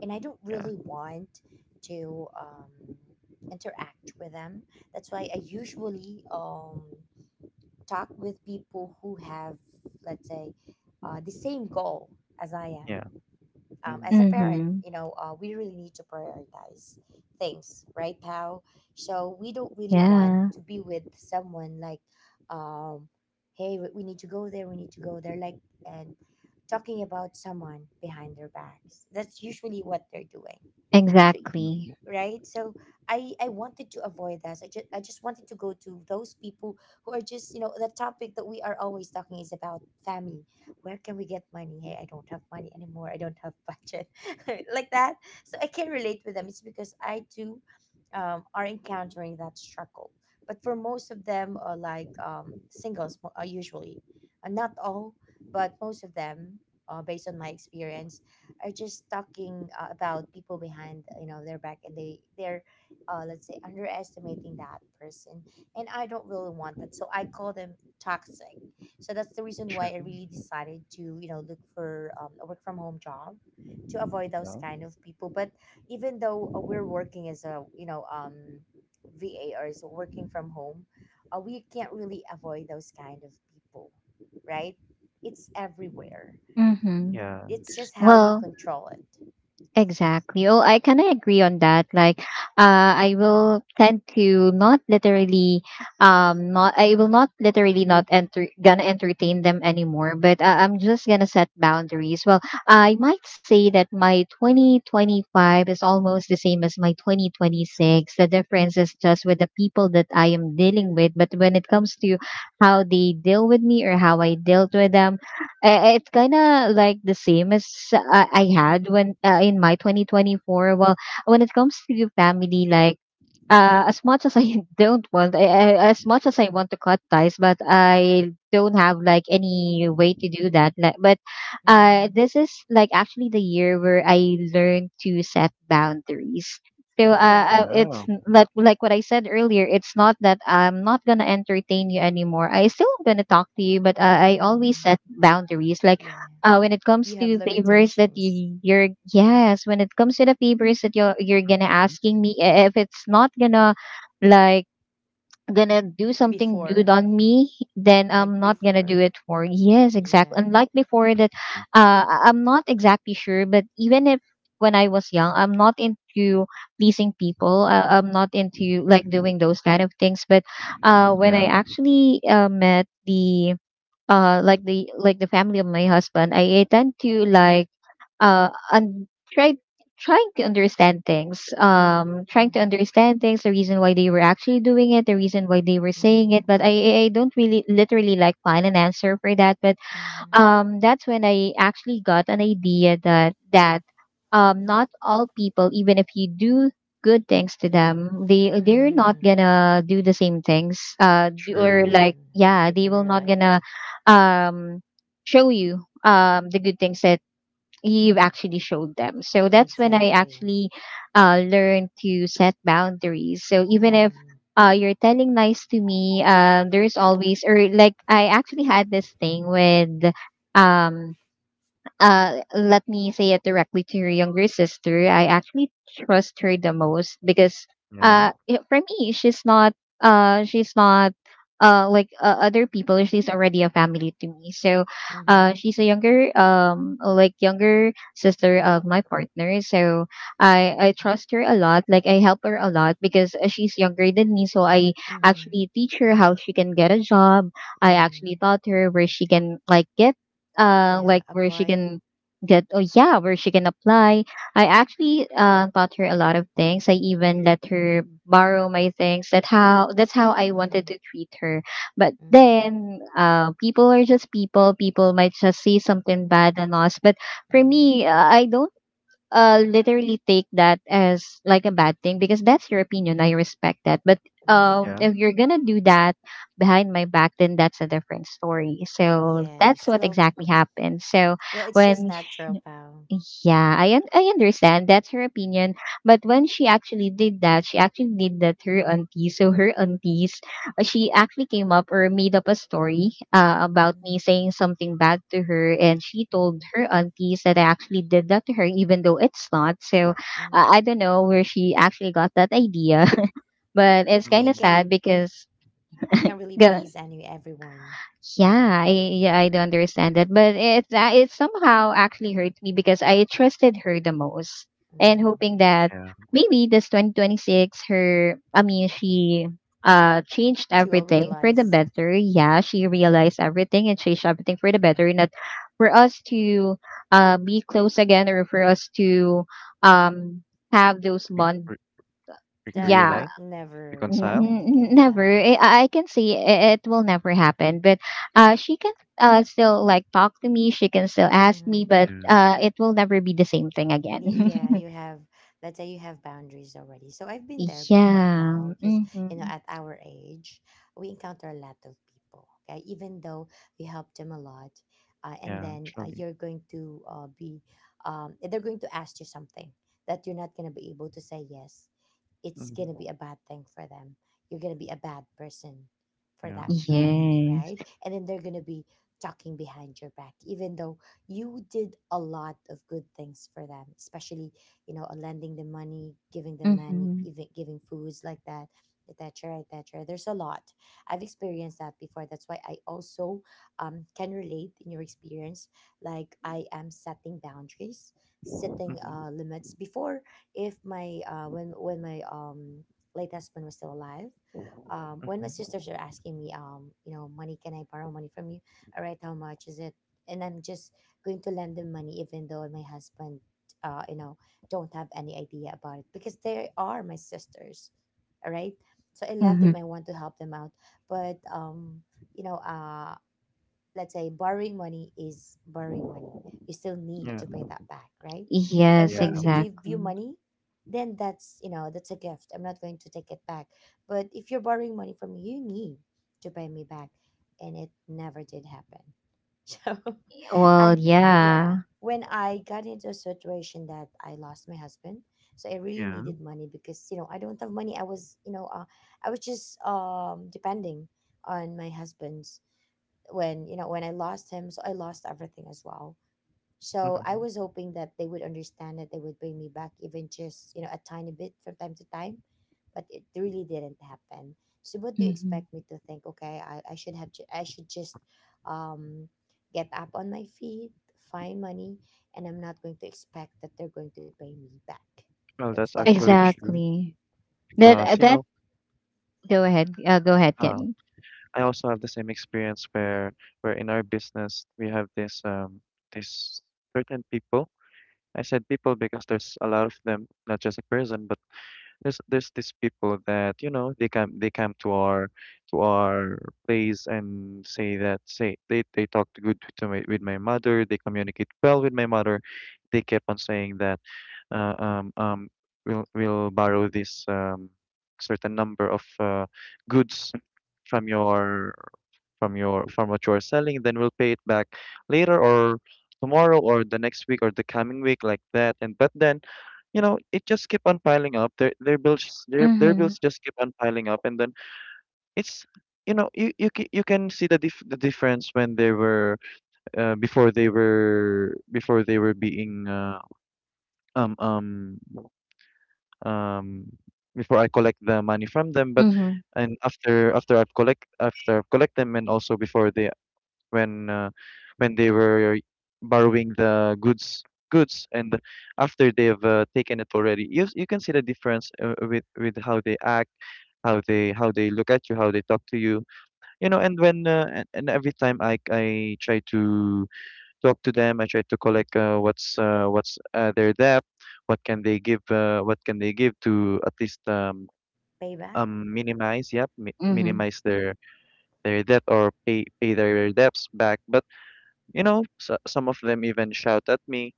S3: and I don't
S2: Yeah.
S3: really want to interact with them. That's why I usually talk with people who have, let's say, the same goal as I am,
S2: Yeah. Mhm,
S3: as a parent.
S1: Mm-hmm.
S3: We really need to prioritize things, right, pal? So we don't really want
S1: Yeah.
S3: to be with someone like, um, hey, we need to go there, we need to go there, like, and talking about someone behind their backs. That's usually what they're doing. So,
S1: Exactly.
S2: mhm.
S3: right, so I wanted to avoid that. I just wanted to go to those people who are just, the topic that we are always talking is about family, where can we get money, hey I don't have money anymore, I don't have budget like that. So I can relate with them, it's because I too, are encountering that struggle. But for most of them are like, singles, usually, not all, but most of them, based on my experience, are just talking, about people behind, their back, and they're, let's say, underestimating that person. And I don't really want that, so I call them toxic. So that's the reason why I
S2: True.
S3: really decided to, look for a work from home job to avoid those
S2: Yeah.
S3: kind of people. But even though, we're working as a, VA, or is working from home, we can't really avoid those kind of people, right? It's everywhere.
S1: Mm-hmm.
S2: Yeah.
S3: It's
S2: Ex-
S3: just how you
S1: Well,
S3: control it.
S1: exactly. Oh, I kind of agree on that. Like, I will tend to not literally, not I will not literally not enter gonna entertain them anymore. But I'm just gonna set boundaries. Well, I might say that my 2025 is almost the same as my 2026. The difference is just with the people that I am dealing with. But when it comes to how they deal with me or how I dealt with them, it's kind of like the same as I had when in my 2024. Well, when it comes to family, like as much as I don't want, I, as much as I want to cut ties, but I don't have like any way to do that, like. But
S3: Hmm.
S1: this is like actually the year where I learned to set boundaries. So
S3: Oh.
S1: it's
S2: Wow.
S1: like what I said earlier, it's not that I'm not gonna entertain you anymore. I still gonna talk to you, but I always
S3: Hmm,
S1: set boundaries. Like
S3: yeah.
S1: when it comes
S3: You have
S1: to favors that
S3: limitations
S1: you you're yes, when it comes to the favors that you're gonna
S2: Mhm,
S1: asking me, if it's not gonna like gonna do something good
S3: before,
S1: on me, then
S3: like
S1: I'm not gonna
S3: before.
S1: do it, for yes exactly,
S3: Yeah.
S1: unlike before. That
S2: mhm.
S1: I'm not exactly sure, but even if when I was young, I'm not into pleasing people, I'm not into like doing those kind of things. But when I
S2: Yeah.
S1: actually met the like the like the family of my husband, I tend to like and try trying to understand things,
S3: Mm-hmm.
S1: the reason why they were actually doing it, the reason why they were saying it.
S3: Mm-hmm.
S1: But I don't really literally like find an answer for that. But
S3: Mm-hmm.
S1: that's when I actually got an idea that that not all people, even if you do good things to them, they're not
S3: Mm-hmm.
S1: gonna do the same things. Or
S2: True.
S3: Yeah,
S1: like, yeah,
S3: I
S1: they
S3: can
S1: will not gonna
S3: relate.
S1: um show you the good things that you've actually showed them. So that's when I
S3: Exactly.
S1: actually learned to set boundaries. So even if
S3: Hmm.
S1: you're telling lies to me, there's always, or like I actually had this thing with um, let me say it directly to your younger sister. I actually trust her the most, because
S2: Yeah.
S1: for me, she's not uh, she's not like other people. She's already a family to me. So,
S3: Mm-hmm.
S1: she's a younger like younger sister of my partner. So I
S3: Mm-hmm.
S1: trust her a lot. Like, I help her a lot because she's younger than me. So I
S3: Mm-hmm.
S1: actually teach her how she can get a job. I
S3: Mm-hmm.
S1: actually taught her where she can like get uh
S3: Yeah.
S1: like where she
S3: Apply.
S1: can where she can apply. I actually taught her a lot of things. I even let her borrow my things. That's how I wanted
S3: Mm-hmm.
S1: to treat her. But
S3: Mm-hmm.
S1: then people are just people. People might just say something bad on us, but for
S3: Mm-hmm.
S1: me, I don't literally take that as like a bad thing because that's your opinion. I respect that. But
S3: Mm-hmm.
S2: Yeah.
S1: if you're gonna do that behind my back, then that's a different story. So that's
S3: Yes.
S1: what
S3: Well.
S1: exactly happened. So
S3: Well, it's just
S1: when
S3: natural, pal.
S1: yeah, I understand that's her opinion, but when she actually did that, she actually did that to her auntie. So her aunties, she actually came up or made up a story about
S3: Mm-hmm.
S1: me saying something bad to her, and she told
S3: Mm-hmm.
S1: her aunties that I actually did that to her, even though it's not. So
S3: Mm-hmm.
S1: I don't know where she actually got that idea, but it's kind
S3: You
S1: of
S2: Mm.
S3: can't,
S1: sad because.
S3: we can't really please any everyone, pal.
S1: Yeah, I do understand that, but it's it somehow actually hurt me because I trusted her the most and hoping
S3: Mm-hmm.
S1: that
S2: Yeah.
S1: maybe this 2026 her I mean she changed
S3: She will
S1: everything for the
S3: realize.
S1: better. Yeah, she
S3: Yeah.
S1: realized everything and changed everything for the better, not for us to be close again, or for us to um have those
S2: Re
S1: bond.
S2: re Re-
S3: That
S1: Yeah.
S2: reunite,
S3: won't never
S1: N-
S2: reconcile.
S3: happen
S1: n-
S3: again,
S1: never
S3: pal.
S1: I, I can see it, it will never happen, but she can still like talk to me, she can still ask
S3: Mm-hmm.
S1: me, but
S2: Yeah.
S1: it will never be the same thing
S3: Y-
S1: again.
S3: yeah you have, let's say, you have boundaries already. So I've been there before,
S1: Yeah,
S3: pal, because,
S1: mm-hmm.
S3: at our age, we encounter a lot of people, okay, even though we help them a lot. And
S2: Yeah.
S3: then,
S2: Actually.
S3: you're going to be they're going to ask you something that you're not going to be able to say yes, it's
S2: Mhm.
S3: gonna be a bad thing for them. You're gonna be a bad person for
S2: Yeah.
S3: them,
S1: Yes.
S3: right? And then they're gonna be talking behind your back, even though you did a lot of good things for them, especially lending them money, giving them money,
S1: Mm-hmm.
S3: even giving foods like that, et cetera, et cetera. There's a lot. I've experienced that before. That's why I also, can relate in your experience. Like, I am setting boundaries, setting,
S2: Mhm,
S3: limits before. If my uh, when when my late husband was still alive, when my
S2: mhm.
S3: sisters are asking me, money, can I borrow money from you. All right, how much is it. And I'm just going to lend them money even though my husband, uh you know don't have any idea about it, because they are my sisters. All right, so I love
S1: Mm-hmm.
S3: them, I want to help them out. But you know uh let's say, borrowing money is borrowing money, you still need
S2: Yeah.
S3: to pay that back, right? If I'm
S1: Yes,
S2: Yeah.
S3: going to give you
S1: exactly.
S3: money, then that's you know that's a gift, I'm not going to take it back. But if you're borrowing money from me, you need to pay me back. And it never did happen. so
S1: Well,
S3: I yeah,
S1: yeah.
S3: when I got into a situation that I lost my husband, so I really
S2: Yeah.
S3: needed money, because I don't have money. I was just depending on my husband. When you know when I lost him, so I lost everything as well. So I
S2: Mhm.
S3: was hoping that they would understand, that they would bring me back even just a tiny bit from time to time. But it really didn't happen. So what do you
S1: Mm-hmm.
S3: expect me to think? Okay, I should just um get up on my feet, find money, and I'm not going to expect that they're going to pay me back.
S2: Well,
S3: That's
S2: that's
S3: what I
S2: actually
S3: was
S2: true
S3: thinking,
S1: Exactly. that
S2: because
S3: right?
S2: you
S1: that
S2: know,
S1: Go ahead, go ahead,
S2: uh,
S1: Kenny.
S2: I also have the same experience where in our business we have this um this certain people. I said people because there's a lot of them, not just a person, but there's these people that, you know, they come to our place and say that say they talked good to with my mother, they communicate well with my mother. They kept on saying that uh, um um we'll borrow this certain number of goods from your from your from what you're selling, then we'll pay it back later, or tomorrow, or the next week, or the coming week like that. And but then, you know, it just keep on piling up, their bills, their
S1: Mm-hmm.
S2: bills just keep on piling up. And then it's, you know, you can see the the difference when they were before they were being um um um before I collect the money from them. But
S1: Mm-hmm.
S2: and after I've collect after I've collect them, and also before they, when uh, when they were borrowing the goods, and after they've taken it already, you can see the difference, with how they act, how they look at you, how they talk to you, you know. And when and every time I try to talk to them, I try to collect what's their debt, what can they give, to at least,
S3: Payback.
S2: minimize, yep,
S1: Mm-hmm.
S2: minimize their debt, or pay their debts back. But you know, so, some of them even shout at me,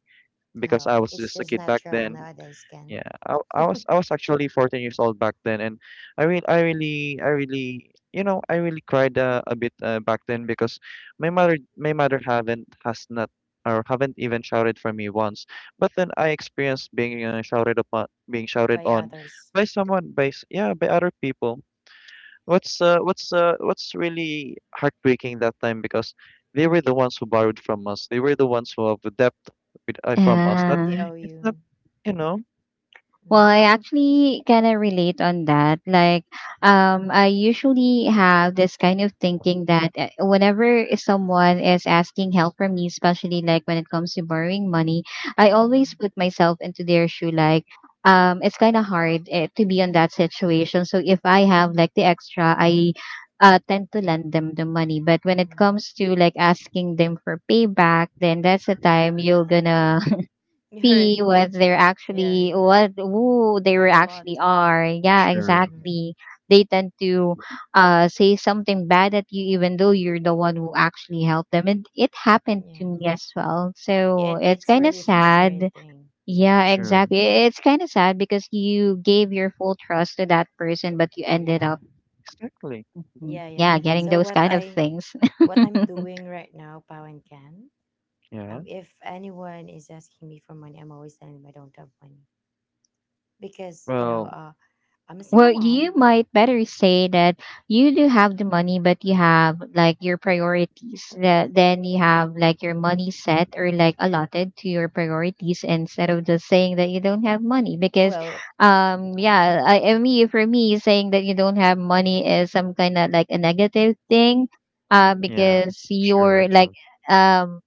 S2: because I
S3: No,
S2: was
S3: it's
S2: just a
S3: just
S2: kid back
S3: natural
S2: then.
S3: nowadays, Ken.
S2: Yeah, I was actually 14 years old back then. And I really you know, I really cried a bit back then, because my mother, haven't, has not, or haven't even shouted for me once. But then I experienced being shouted upon, being shouted
S3: By
S2: on
S3: others.
S2: by someone, yeah, by other people. What's what's really heartbreaking that time, because they were the ones who borrowed from us. They were the ones who have the debt with, from us. That
S3: Mhm,
S1: Yeah.
S3: they owe
S2: it's not,
S3: you.
S2: you know.
S1: Well,
S3: Mm,
S1: I
S3: well.
S1: actually kind of relate on that. Like, I usually have this kind of thinking that whenever someone is asking help from me, especially like when it comes to borrowing money, I always
S3: Mm,
S1: put myself into their shoe. Like, it's kind of hard eh, to be on that situation. So if I have like the extra, I tend to lend them the money. But when it
S3: mm.
S1: comes to like asking them for payback, then that's the time you're gonna
S3: You
S1: be
S3: heard, yeah,
S1: what who they were
S3: heard a lot.
S1: actually are. Yeah,
S2: Sure.
S3: Mm-hmm,
S1: exactly. They tend to say something bad at you even though you're the one who actually helped them. And it happened
S3: yeah,
S1: to me as well.
S3: yeah,
S1: So
S3: and
S1: it's
S3: it's
S1: kinda
S3: really
S2: Mhm.
S1: sad.
S3: frustrating.
S1: Yeah,
S2: Sure.
S1: exactly. It's kinda sad because you gave your full trust to that person but you
S3: Yeah,
S1: ended up
S2: Exactly.
S1: mm,
S3: yeah, yeah.
S1: yeah, getting
S3: So
S1: those
S3: what
S1: kind of
S3: I
S1: things.
S3: what I'm doing right now, Pau and Can,
S2: Yeah.
S3: if anyone is asking me for money, I'm always telling them I don't have money, because,
S2: Well,
S3: I'm a single
S1: Well, you
S3: mom.
S1: might better say that you do have the money, but you have like your priorities. That then You have like your money set or like allotted to your priorities instead of just saying that you don't have money. Because,
S3: Well,
S1: yeah, I mean, for me, saying that you don't have money is some kind of like a negative thing.
S2: yeah.
S1: Because
S2: Sure.
S1: you're like,
S2: Actually.
S1: um,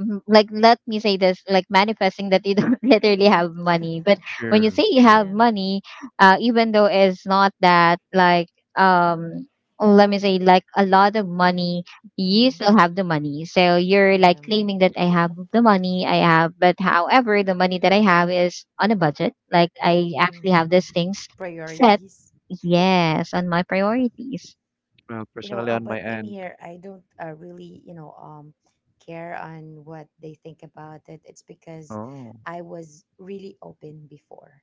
S1: Mhm. Like let me say this, like manifesting that you don't literally have money. But when you
S2: Sure.
S1: say you
S2: Sure.
S1: have
S3: yeah,
S1: money, even though it's not that like um let me say like a lot of money, you
S3: mm-hmm,
S1: still have the money. So you're like
S3: yeah,
S1: claiming that I have the money. I have But however, the money that I have is on a budget. Like I actually have
S3: mm-hmm.
S1: these things set.
S3: Priorities.
S1: Yes, on my priorities.
S2: Well, personally, on my
S3: But in
S2: end.
S3: here I don't, really, care on what they think about it. It's because
S2: Oh.
S3: I was really open before.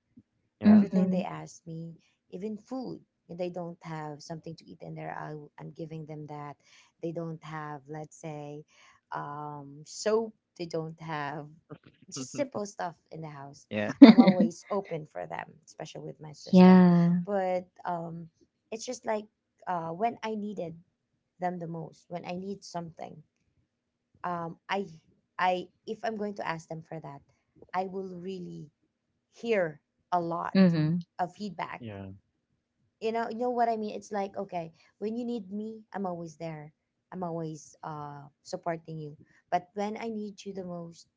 S2: Yeah.
S3: Everything
S1: Mm-hmm.
S3: they ask me, even food. If they don't have something to eat in there, I'm giving them that. They don't have, let's say, soap. They don't have just simple stuff in the house.
S2: yeah.
S3: I'm always open for them, especially with my sister.
S1: Yeah.
S3: But it's just like, when I needed them the most, when I need something, um, I, if I'm going to ask them for that, I will really hear a lot
S1: Mm-hmm.
S3: of feedback.
S2: Yeah.
S3: You know what I mean? It's like, okay, when you need me, I'm always there. I'm always supporting you. But when I need you the most,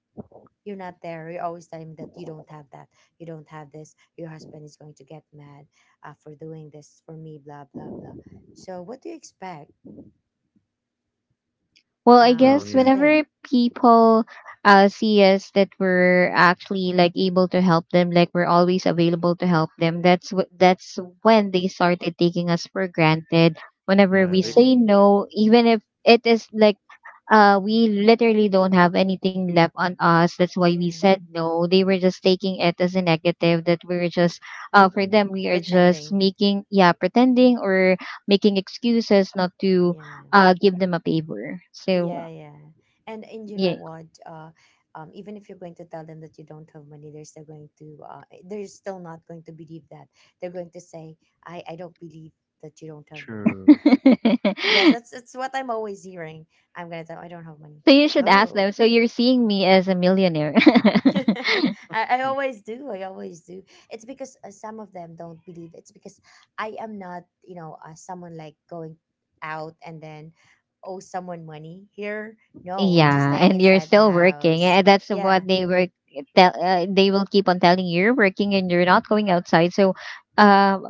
S3: you're not there. You're always telling me that you don't have that, you don't have this, your husband is going to get mad, for doing this for me, blah blah blah. So what do you expect
S1: Well, I
S2: Well.
S3: me
S1: guess
S3: to
S2: Yeah.
S3: think?
S1: whenever people see us that we're actually like able to help them, like we're always available to help them, that's when they started taking us for granted. Whenever
S2: Yeah.
S1: we
S2: They.
S3: Yeah,
S1: say no, even if it is like we literally don't have anything left on us, that's why we
S3: yeah.
S1: said no. They were just taking it as a negative that we're just for them
S2: Hmm.
S1: we are just
S3: Pretending.
S1: making, yeah, pretending or making excuses not to
S3: Yeah.
S1: give them a favor. So
S3: Yeah, yeah. And you know
S1: yeah.
S3: what? Even if you're going to tell them that you don't have money, they're still going to they're still not going to believe that. They're going to say, I don't believe that you don't have money.
S2: True.
S1: So
S3: Yes, that's what I'm always hearing. I'm gonna tell I don't have money.
S1: you should ask
S3: Oh,
S1: them. So you're seeing me as a millionaire.
S3: I always do. I always do. It's because some of them don't believe. It's because I am not, you know, someone like going out and then owe someone money here. No, I'm just
S1: Yeah,
S3: staying
S1: and you're
S3: inside the
S1: still working.
S3: house.
S1: And that's
S3: Yeah,
S1: what they were tell they will keep on telling you you're working and you're not going outside. So um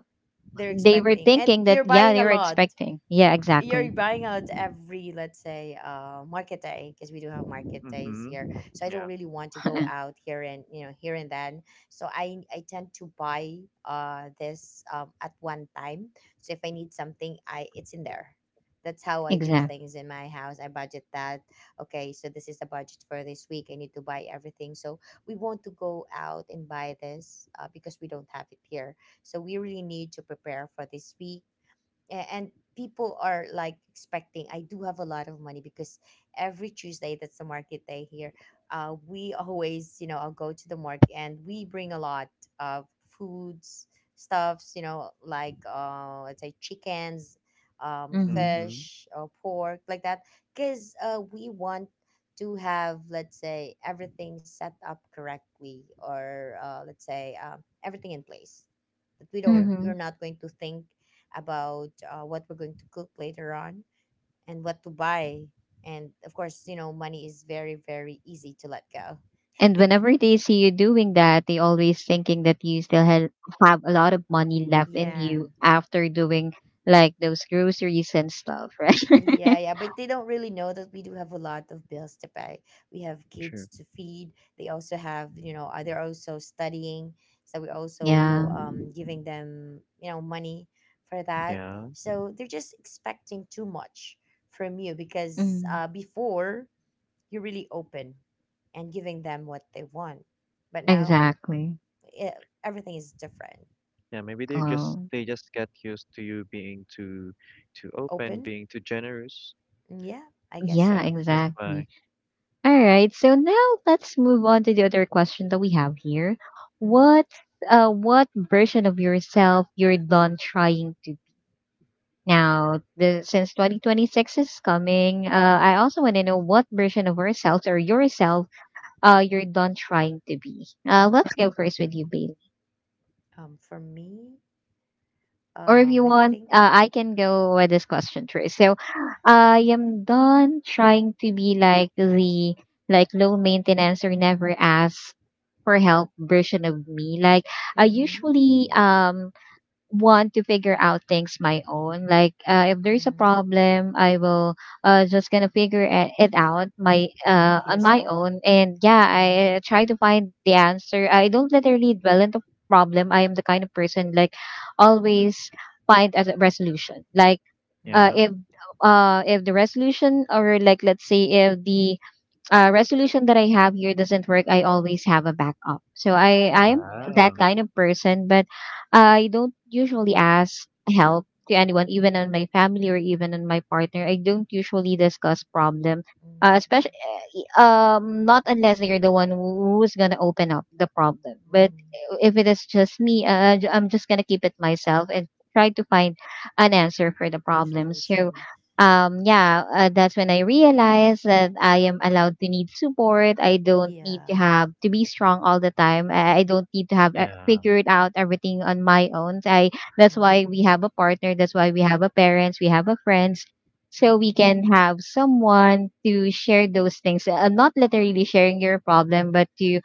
S3: they're
S1: they were
S3: expecting. And
S1: thinking that,
S3: you're
S1: yeah,
S3: buying
S1: they
S3: a
S1: were
S3: lot.
S1: expecting. Yeah,
S3: You're
S1: exactly.
S3: buying out every, let's say, market day, because we do have market days
S2: Mm-hmm.
S3: here. So I
S2: Yeah.
S3: don't really want to go out here and, you know, here and then. So I tend to buy this at one time. So if I need something, I it's in there. That's how I do
S1: Exactly.
S3: things in my house. I budget that. Okay, so this is the budget for this week. I need to buy everything. So we want to go out and buy this, because we don't have it here. So we really need to prepare for this week. And people are like expecting I do have a lot of money, because every Tuesday that's the market day here. We always, you know, I'll go to the market, and we bring a lot of foods, stuffs, you know, like let's say chickens,
S1: Mhm.
S2: Mm-hmm.
S3: fish or pork like that. Because we want to have, let's say, everything set up correctly, or let's say, everything in place, that we don't
S2: Yeah.
S3: we're
S1: Mhm.
S3: not going to think about what we're going to cook later on and what to buy. And of course, you know, money is very, very easy to let
S1: And
S3: go.
S1: whenever they see you doing that, they always thinking that you still have a lot of money left in
S3: Yeah.
S1: you after doing like those groceries and stuff, right?
S3: Yeah, yeah, but they don't really know that we do have a lot of bills to pay. We have kids
S2: Sure.
S3: to feed. They also have, you know, they're also studying, so we also, you know,
S1: Yeah.
S3: giving them, you know, money for that.
S2: Yeah.
S3: So they're just expecting too much from you, because
S1: Mm.
S3: before you're really open and giving them what they want. But now
S1: Exactly.
S3: it, everything is different.
S2: Yeah, maybe they just
S1: Oh,
S2: get used to you being too open,
S3: Open?
S2: being too generous.
S3: Mm, yeah, I guess
S1: yeah,
S3: so.
S2: Yeah, that's
S1: exactly.
S2: why.
S1: All right. So now let's move on to the other question that we have here.
S3: Hmm.
S1: What what version of yourself you're done trying to be? Now, since 2026 is coming, I also want to know what version of ourselves or yourself you're done trying to be. Let's go first with you,
S3: For me,
S1: or if you
S3: I
S1: want,
S3: think.
S1: I can go with this question first. So, I am done trying to be like the like low maintenance or never ask for help version of me. Like I
S3: Mm-hmm,
S1: usually
S2: Mhm.
S1: want to figure out things my own. Like if there's a
S3: mm-hmm,
S1: problem, I will just gonna figure it out my
S3: by
S1: on my
S3: yourself.
S1: own. And yeah, I
S3: Mm-hmm,
S1: try to find the answer. I don't literally dwell into problem. I am the kind of person like always find a resolution. Like uh,
S2: Yeah.
S1: if
S3: mm-hmm,
S1: if the resolution or like let's say if the resolution that I have here doesn't work, I always have a backup. So I I'm
S3: mm-hmm,
S1: that
S2: Wow.
S1: kind of person, but I don't usually ask help to anyone, even on my family or even on my partner. I don't usually discuss problem,
S3: mm-hmm,
S1: especially not unless you're the one who's gonna open up the problem. But
S3: mm-hmm.
S1: if it is just me, I'm just gonna keep it myself and try to find an answer for the problem. So
S3: Solution.
S1: yeah, that's when I realized that I am allowed to need support. I don't need to
S3: Yeah.
S1: have to be strong all the time. I don't need to have
S2: Yeah.
S1: figured out everything on my own. I that's why we have
S3: Mm-hmm,
S1: a partner, that's why we have a parents, we have a friends, so we
S3: mm-hmm.
S1: can have someone to share those things, not literally sharing your problem, but to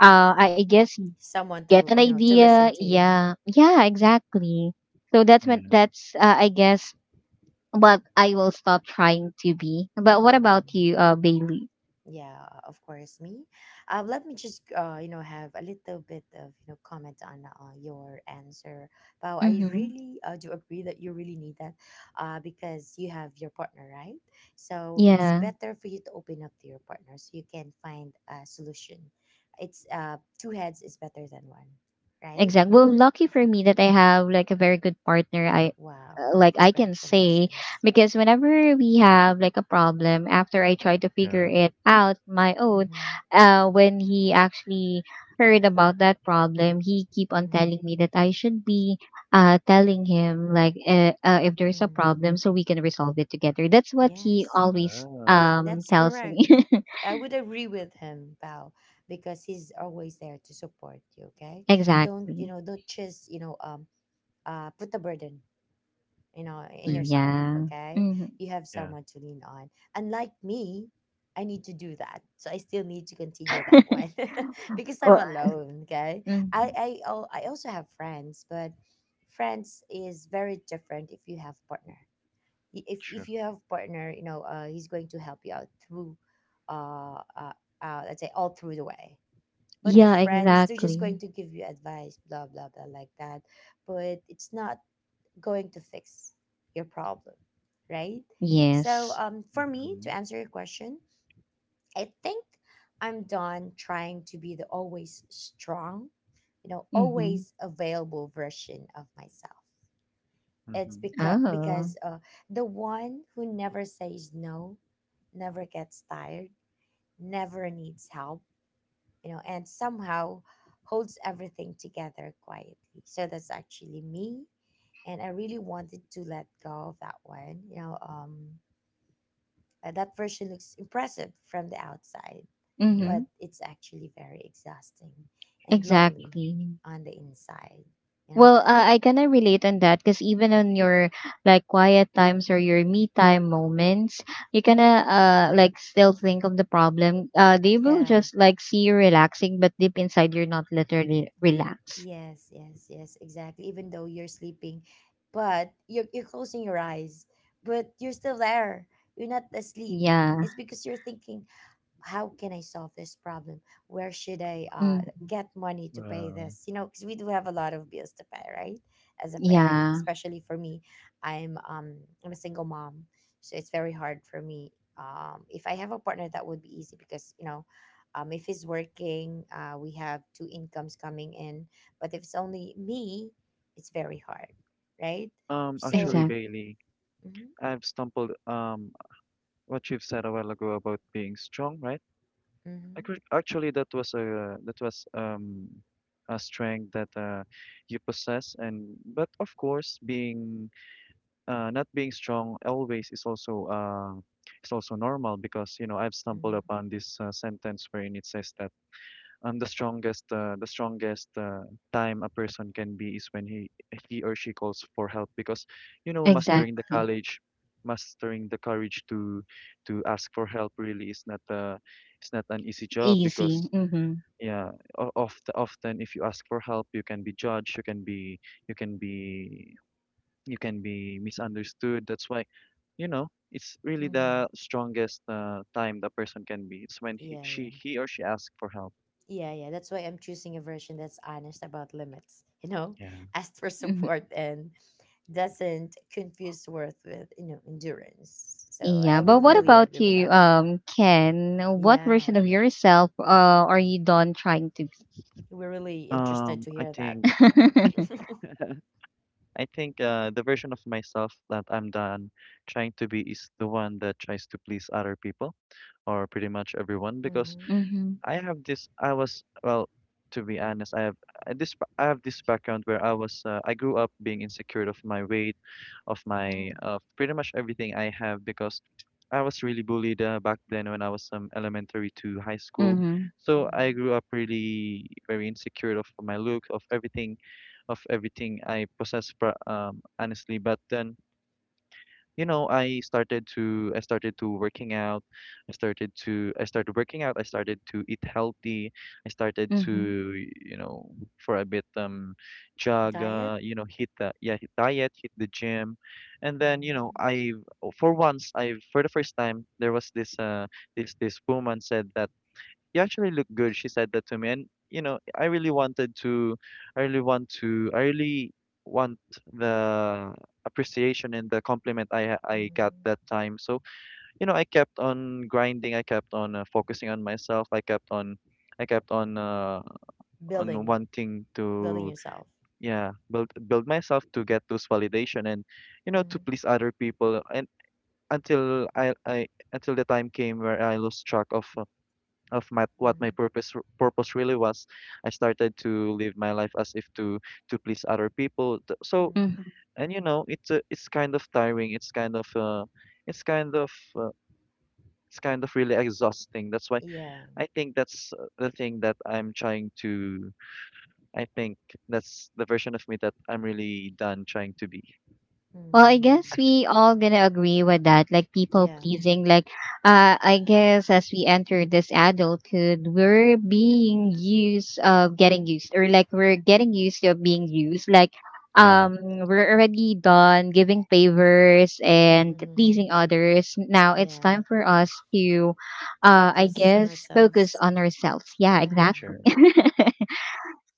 S1: I guess
S3: Someone
S1: get an
S3: to, you know, to
S1: idea.
S3: listen to you.
S1: Yeah, yeah, exactly. So that's when
S2: Yeah.
S1: that's I guess but I will stop trying to be. But what about
S3: Mhm.
S1: you, Bailey?
S3: Yeah, of course, me. Let me just, you know, have a little bit of, you know, comment on your answer. Wow, I
S1: Mm-hmm.
S3: really do agree that you really need that, because you have your partner, right? So it's
S1: Yeah,
S3: better for you to open up to your partner, so you can find a solution. It's, two heads is better than one, right?
S1: exactly. Well, lucky for me that I have like a very good partner. I
S3: Wow,
S1: like I can say
S3: congratulations.
S1: because whenever we have like a problem, after I try to figure
S2: Yeah.
S1: it out my own,
S3: Mm-hmm,
S1: when he actually heard about that problem, he keep on
S3: mm-hmm,
S1: telling me that I should be telling him like if there's a
S3: mm-hmm.
S1: problem, so we can resolve it together. That's what he
S3: Yes.
S1: always
S2: Wow.
S3: That's
S1: tells me.
S3: correct. I would agree with him, Bao, because he's always there to support you, okay? Don't, you
S1: Exactly.
S3: know, don't just, you know, put the burden, you know, in
S2: And
S3: yourself,
S2: yourself.
S1: Yeah.
S3: okay?
S1: Hmm.
S3: You have
S2: Yeah.
S3: someone to lean on. Unlike me, I need to do that. So I still need to continue that one because I'm
S1: Well,
S3: alone, okay?
S1: hmm.
S3: I also have friends, but friends is very different if you have partner. If
S2: True.
S3: you have partner, you know, he's going to help you out through uh, uh, let's say all through the way. But if
S1: Yeah,
S3: friends, they're just going
S1: exactly.
S3: to give you advice, blah blah blah, like that. But it's not going to fix your problem, right? So
S1: Yes.
S3: for me
S2: Mm-hmm.
S3: to answer your question, I think I'm done trying to be the always strong, you know,
S1: Mm-hmm.
S3: always available version of myself. It's
S2: Mm-hmm.
S3: because
S1: Oh.
S3: the one who never says no, never gets tired, never needs help, you know, and somehow holds everything together quietly. So that's actually me, and I really wanted to let go of that one. You know, that version looks impressive from the outside,
S2: Yeah.
S1: Mm-hmm.
S3: but it's actually very exhausting and lonely
S1: Exactly.
S3: on the inside. You know,
S1: Well, I kind of relate on that because even on your like quiet times or your me time moments, you kind of like still think of the problem. They will
S3: yeah.
S1: just like see you relaxing, but deep inside you're not literally relaxed.
S3: Yes, yes, yes, exactly. Even though you're sleeping, but you're closing your eyes, but you're still there. You're not asleep.
S1: Yeah.
S3: It's because you're thinking, how can I solve this problem? Where should I
S1: Mm-hmm.
S3: get money to pay
S2: Wow.
S3: this? You know, because we do have a lot of bills to pay, right? As a parent,
S1: Yeah.
S3: especially for me, I'm um I'm a single mom, so it's very hard for me. If I have a partner, that would be easy, because you know, if he's working, we have two incomes coming in. But if it's only me, it's very hard, right? So,
S2: Actually,
S1: Exact.
S2: Bailey,
S3: mm-hmm,
S2: I've stumbled what you've said a while ago about being strong, right?
S3: mm-hmm,
S2: Actually, that was a strength that you possess, and but of course, being not being strong always is also normal. Because, you know, I've stumbled
S3: mm-hmm.
S2: upon this sentence wherein it says that the strongest time a person can be is when he or she calls for help. Because, you know, mastering the
S1: Exactly.
S2: courage, to ask for help, really is not it's not an easy job.
S1: Easy.
S2: Because
S1: Mhm.
S2: yeah, oft often if you ask for help, you can be judged, you can be you can be you can be misunderstood. That's why, you know, it's really
S3: mm-hmm.
S2: the strongest time the person can be. It's when he
S3: yeah,
S2: she
S3: yeah.
S2: he or she asks for help.
S3: Yeah, yeah. That's why I'm choosing a version that's honest about limits, you know,
S2: Yeah.
S3: asked for
S1: Mhm.
S3: support and doesn't confuse worth with, you know, endurance. So
S1: Yeah,
S3: I
S1: but
S3: would
S1: what
S3: really
S2: Hmm.
S1: about
S3: agree with
S1: you,
S3: that.
S1: Ken? What version
S3: Yeah.
S1: of yourself are you done trying to be?
S3: We're really interested to
S2: I
S3: hear that.
S2: think I think the version of myself that I'm done trying to be is the one that tries to please other people, or pretty much everyone. Because
S3: Mm-hmm.
S1: Mhm.
S2: I have this. I was, well, to be honest, I have I have this background where I was. I grew up being insecure of my weight, of
S3: Oh.
S2: my, of pretty much everything I have, because I was really bullied back then when I was, elementary to high school.
S1: Mhm.
S2: So I
S3: Mm-hmm.
S2: grew up really very insecure of my look, of everything I possess. Honestly. But then, you know, I started to working out. I started working out. I started to eat healthy. I started to,
S1: Mhm.
S2: you know, for a bit, jog.
S3: Diet?
S2: You know, hit the, yeah, hit diet, hit the gym. And then, you know,
S3: Mm-hmm.
S2: I for once, I for the first time, there was this woman said that you actually look good. She said that to me. And, you know, I really want the appreciation and the compliment I got that
S3: Mm-hmm.
S2: time. So, you know, I kept on grinding. I kept on focusing on myself. I kept on, uh, on
S3: Building.
S2: wanting
S3: Building
S2: to,
S3: yourself.
S2: yeah, build myself to get those validation and, you know, to
S3: Mm-hmm.
S2: please other people. And until until the time came where I lost track of my what my
S3: Mm-hmm.
S2: purpose purpose really was, I started to live my life as if to please other people. So
S3: Mm-hmm.
S1: Mhm.
S2: and you know it's kind of tiring. It's kind of it's kind of uh, it's kind of really exhausting. That's why
S3: Yeah.
S2: I think that's the thing that I'm trying to. I think that's the version of me that I'm really done trying to be.
S1: Well, I guess
S3: Mm-hmm.
S1: we all gonna agree with that. Like people
S3: Yeah.
S1: pleasing, like I guess as we enter this adulthood, we're being used of getting used, or like we're getting used to being used. Like
S2: Yeah,
S1: um, we're already done giving favors and pleasing
S3: Hmm.
S1: others. Now it's
S3: Yeah.
S1: time for us to, I
S3: Focus on
S1: guess, focus
S3: ourselves.
S1: on ourselves. Yeah,
S3: Yeah.
S1: exactly.
S2: sure.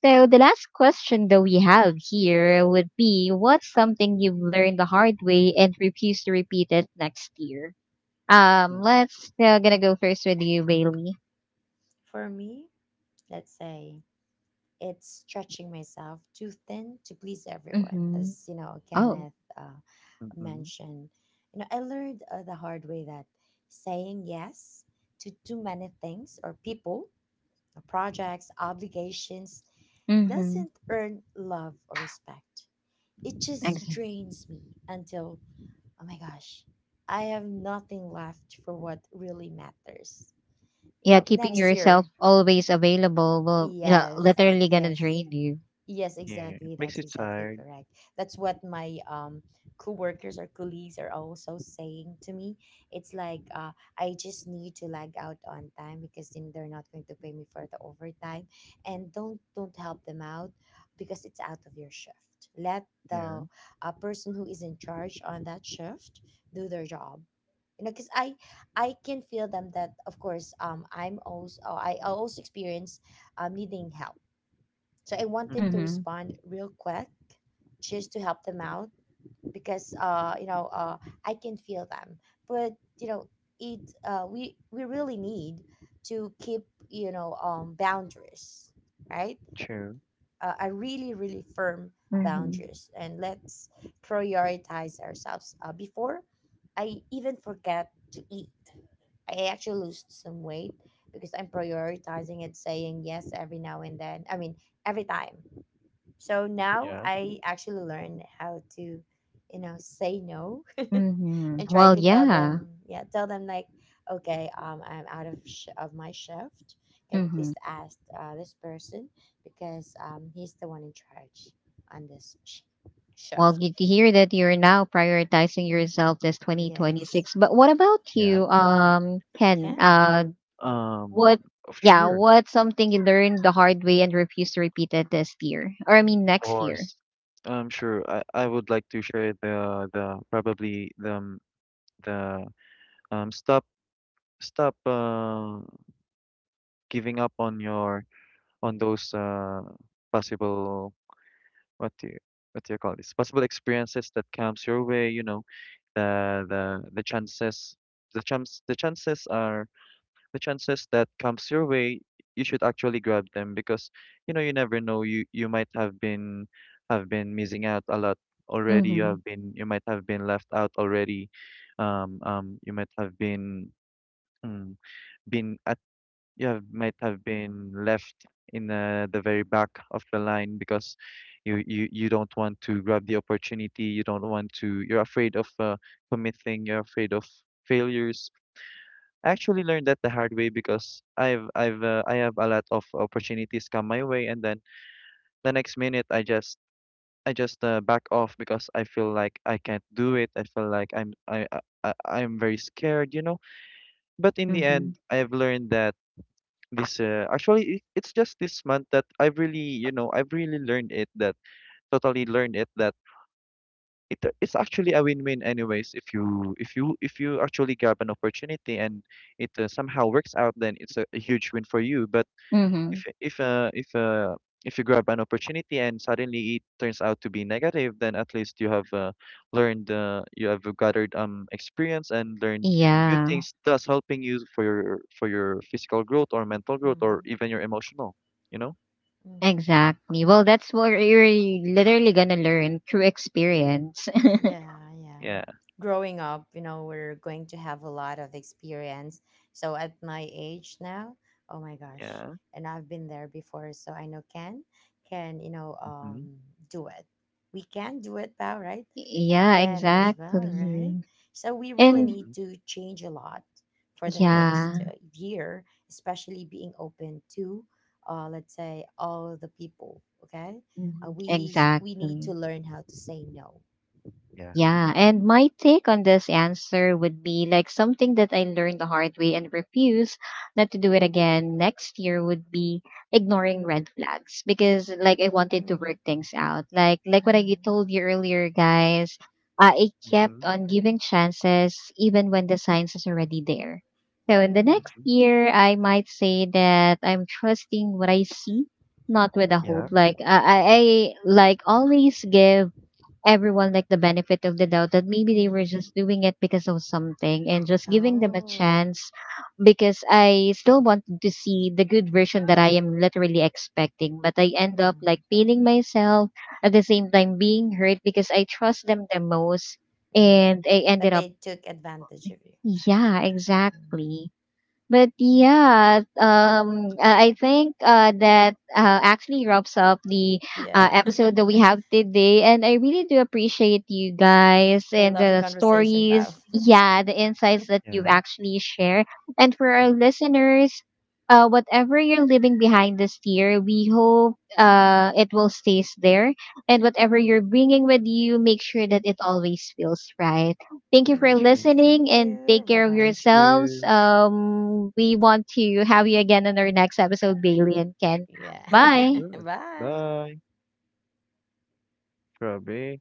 S1: So the last question that we have here would be what's something you've learned the hard way and refuse to repeat it next year? Let's gonna go first with you, Bailey.
S3: For me, let's say, it's stretching myself too thin to please everyone.
S1: Mm-hmm.
S3: As you know,
S1: Oh.
S3: Kenneth
S2: Mm-hmm.
S3: mentioned, you know, I learned the hard way that saying yes to too many things or people, or projects, obligations,
S1: Mm-hmm.
S3: doesn't earn love or respect. It just
S1: Exactly.
S3: drains me until, oh my gosh, I have nothing left for what really matters. You
S1: Yeah,
S3: know,
S1: keeping
S3: next
S1: yourself
S3: year.
S1: always available will yeah,
S3: Yes.
S1: literally gonna
S3: Yes.
S1: drain you.
S3: Yes,
S2: Yeah, it
S3: exactly.
S2: makes
S3: That's
S2: you
S3: exactly
S2: tired.
S3: correct. That's what my coworkers or colleagues are also saying to me. It's like, I just need to lag out on time, because then they're not going to pay me for the overtime, and don't help them out because it's out of your shift. Let
S2: Yeah.
S3: the person who is in charge on that shift do their job. You know, because I can feel them, that of course I'm also I also experience needing help, so I wanted to
S2: Mm-hmm.
S1: Mm-hmm.
S3: respond real quick just to help them out, because I can feel them. But you know, it we really need to keep, you know, boundaries, right?
S2: True.
S3: A really really firm
S1: Mm-hmm.
S3: boundaries, and let's prioritize ourselves. Before I even forget to eat, I actually lose some weight because I'm prioritizing it, saying yes every now and then. I mean, every time. So now
S2: Yeah.
S3: I actually learned how to, you know, say no
S1: Mm-hmm.
S3: and try
S1: Well,
S3: to tell
S1: yeah.
S3: them, yeah, tell them like, okay, I'm out of my shift. Can you
S1: Mm-hmm.
S3: please ask, this person because he's the one in charge on this
S1: Well,
S3: shift.
S1: good to hear that you're now prioritizing yourself this
S3: Yes,
S1: 2026. But what about
S2: Yeah.
S1: you, Ken?
S3: can.
S1: What,
S2: Um,
S1: yeah,
S2: sure.
S1: what's something you learned the hard way and refuse to repeat it this year? Or I mean,
S2: Of
S1: next year.
S2: course. Sure. I would like to share the probably the the stop stop uh giving up on your on those possible what do you what do you call this possible experiences that comes your way. You know, the chances, the chances are, the chances that comes your way, you should actually grab them. Because, you know, you never know, you might have been, missing out a lot already.
S1: Mm-hmm.
S2: You might have been left out already. You might have been, mm, been at, might have been left in, the very back of the line. Because you don't want to grab the opportunity. You don't want to. You're afraid of committing. You're afraid of failures. I actually learned that the hard way, because I've I have a lot of opportunities come my way, and then the next minute I just back off, because I feel like I can't do it. I feel like I'm I- I'm very scared, you know. But in the
S1: Mm-hmm.
S2: end, I've learned that this actually, it's just this month that I've really, you know, I've really learned it that totally learned it that it it's actually a win-win anyways. If you if you actually grab an opportunity and it somehow works out, then it's a huge win for you. But
S1: Mm-hmm.
S2: if if uh if uh if you grab an opportunity and suddenly it turns out to be negative, then at least you have learned, you have gathered experience and learned new
S1: Yeah,
S2: things, thus helping you for your physical growth, or mental growth, or
S3: Mm-hmm.
S2: even your emotional, you know?
S1: exactly. Well, that's what you're literally gonna learn through experience.
S3: Yeah, yeah.
S2: Yeah,
S3: Growing up, you know, we're going to have a lot of experience. So at my age now, oh my gosh,
S2: yeah.
S3: and I've been there before, so I know Ken can, you know,
S2: Mm-hmm.
S3: do it. We can do it, pal, right? And
S1: Yeah,
S3: Ken as well, right?
S1: exactly.
S3: So we really
S1: And
S2: Mm-hmm.
S3: need to change a lot for the
S2: Yeah,
S3: next
S1: yeah,
S3: year, especially being open to, let's say, all the people. Okay,
S1: mhm,
S3: we need to
S1: exactly.
S3: learn how to say no. Mhm.
S2: yeah.
S1: Yeah, and my take on this answer would be like something that I learned the hard way and refuse not to do it again next year would be ignoring red flags because like I wanted to
S3: Mhm.
S1: work things out. Like what I told you earlier, guys, I
S2: Mm-hmm.
S1: kept on giving chances even when the signs is already there. So in the
S3: Mhm.
S1: next
S2: Mm-hmm.
S1: year, I might say that I'm trusting what I see, not with a
S2: Yeah,
S1: hope.
S3: Mhm.
S1: Like I like always give everyone like the benefit of the doubt that maybe they were
S3: Mhm.
S1: just doing it because of something and just giving them a
S3: Oh.
S1: chance because I still wanted to see the good version that I am literally expecting. But I end up like
S3: Mhm.
S1: feeling myself at the same time being hurt because I trust them the most
S3: Mhm.
S1: and I
S3: But
S1: ended up
S3: they took advantage of you.
S1: yeah,
S3: Mm.
S1: exactly. But yeah, I think that actually wraps up the
S3: Yeah.
S1: episode that we have today. And I really do appreciate you guys
S3: I
S1: and
S3: love the
S1: the
S3: conversation, Val.
S1: stories, yeah, the insights that you've
S2: yeah.
S1: actually shared. And for our
S2: Mm-hmm.
S1: listeners, whatever you're leaving behind this year, we hope it will stays there. And whatever you're bringing with you, make sure that it always feels right. Thank you for
S2: Sure.
S3: Yes,
S1: listening
S3: thank
S1: and take
S3: you. Bye
S1: care of
S3: bye.
S2: Thank
S1: yourselves.
S2: you.
S1: We want to have you again on our next episode, Bailey and
S2: Sh-
S1: Ken.
S3: Yeah.
S1: Bye.
S2: sure.
S3: Bye.
S2: Bye, Robbie.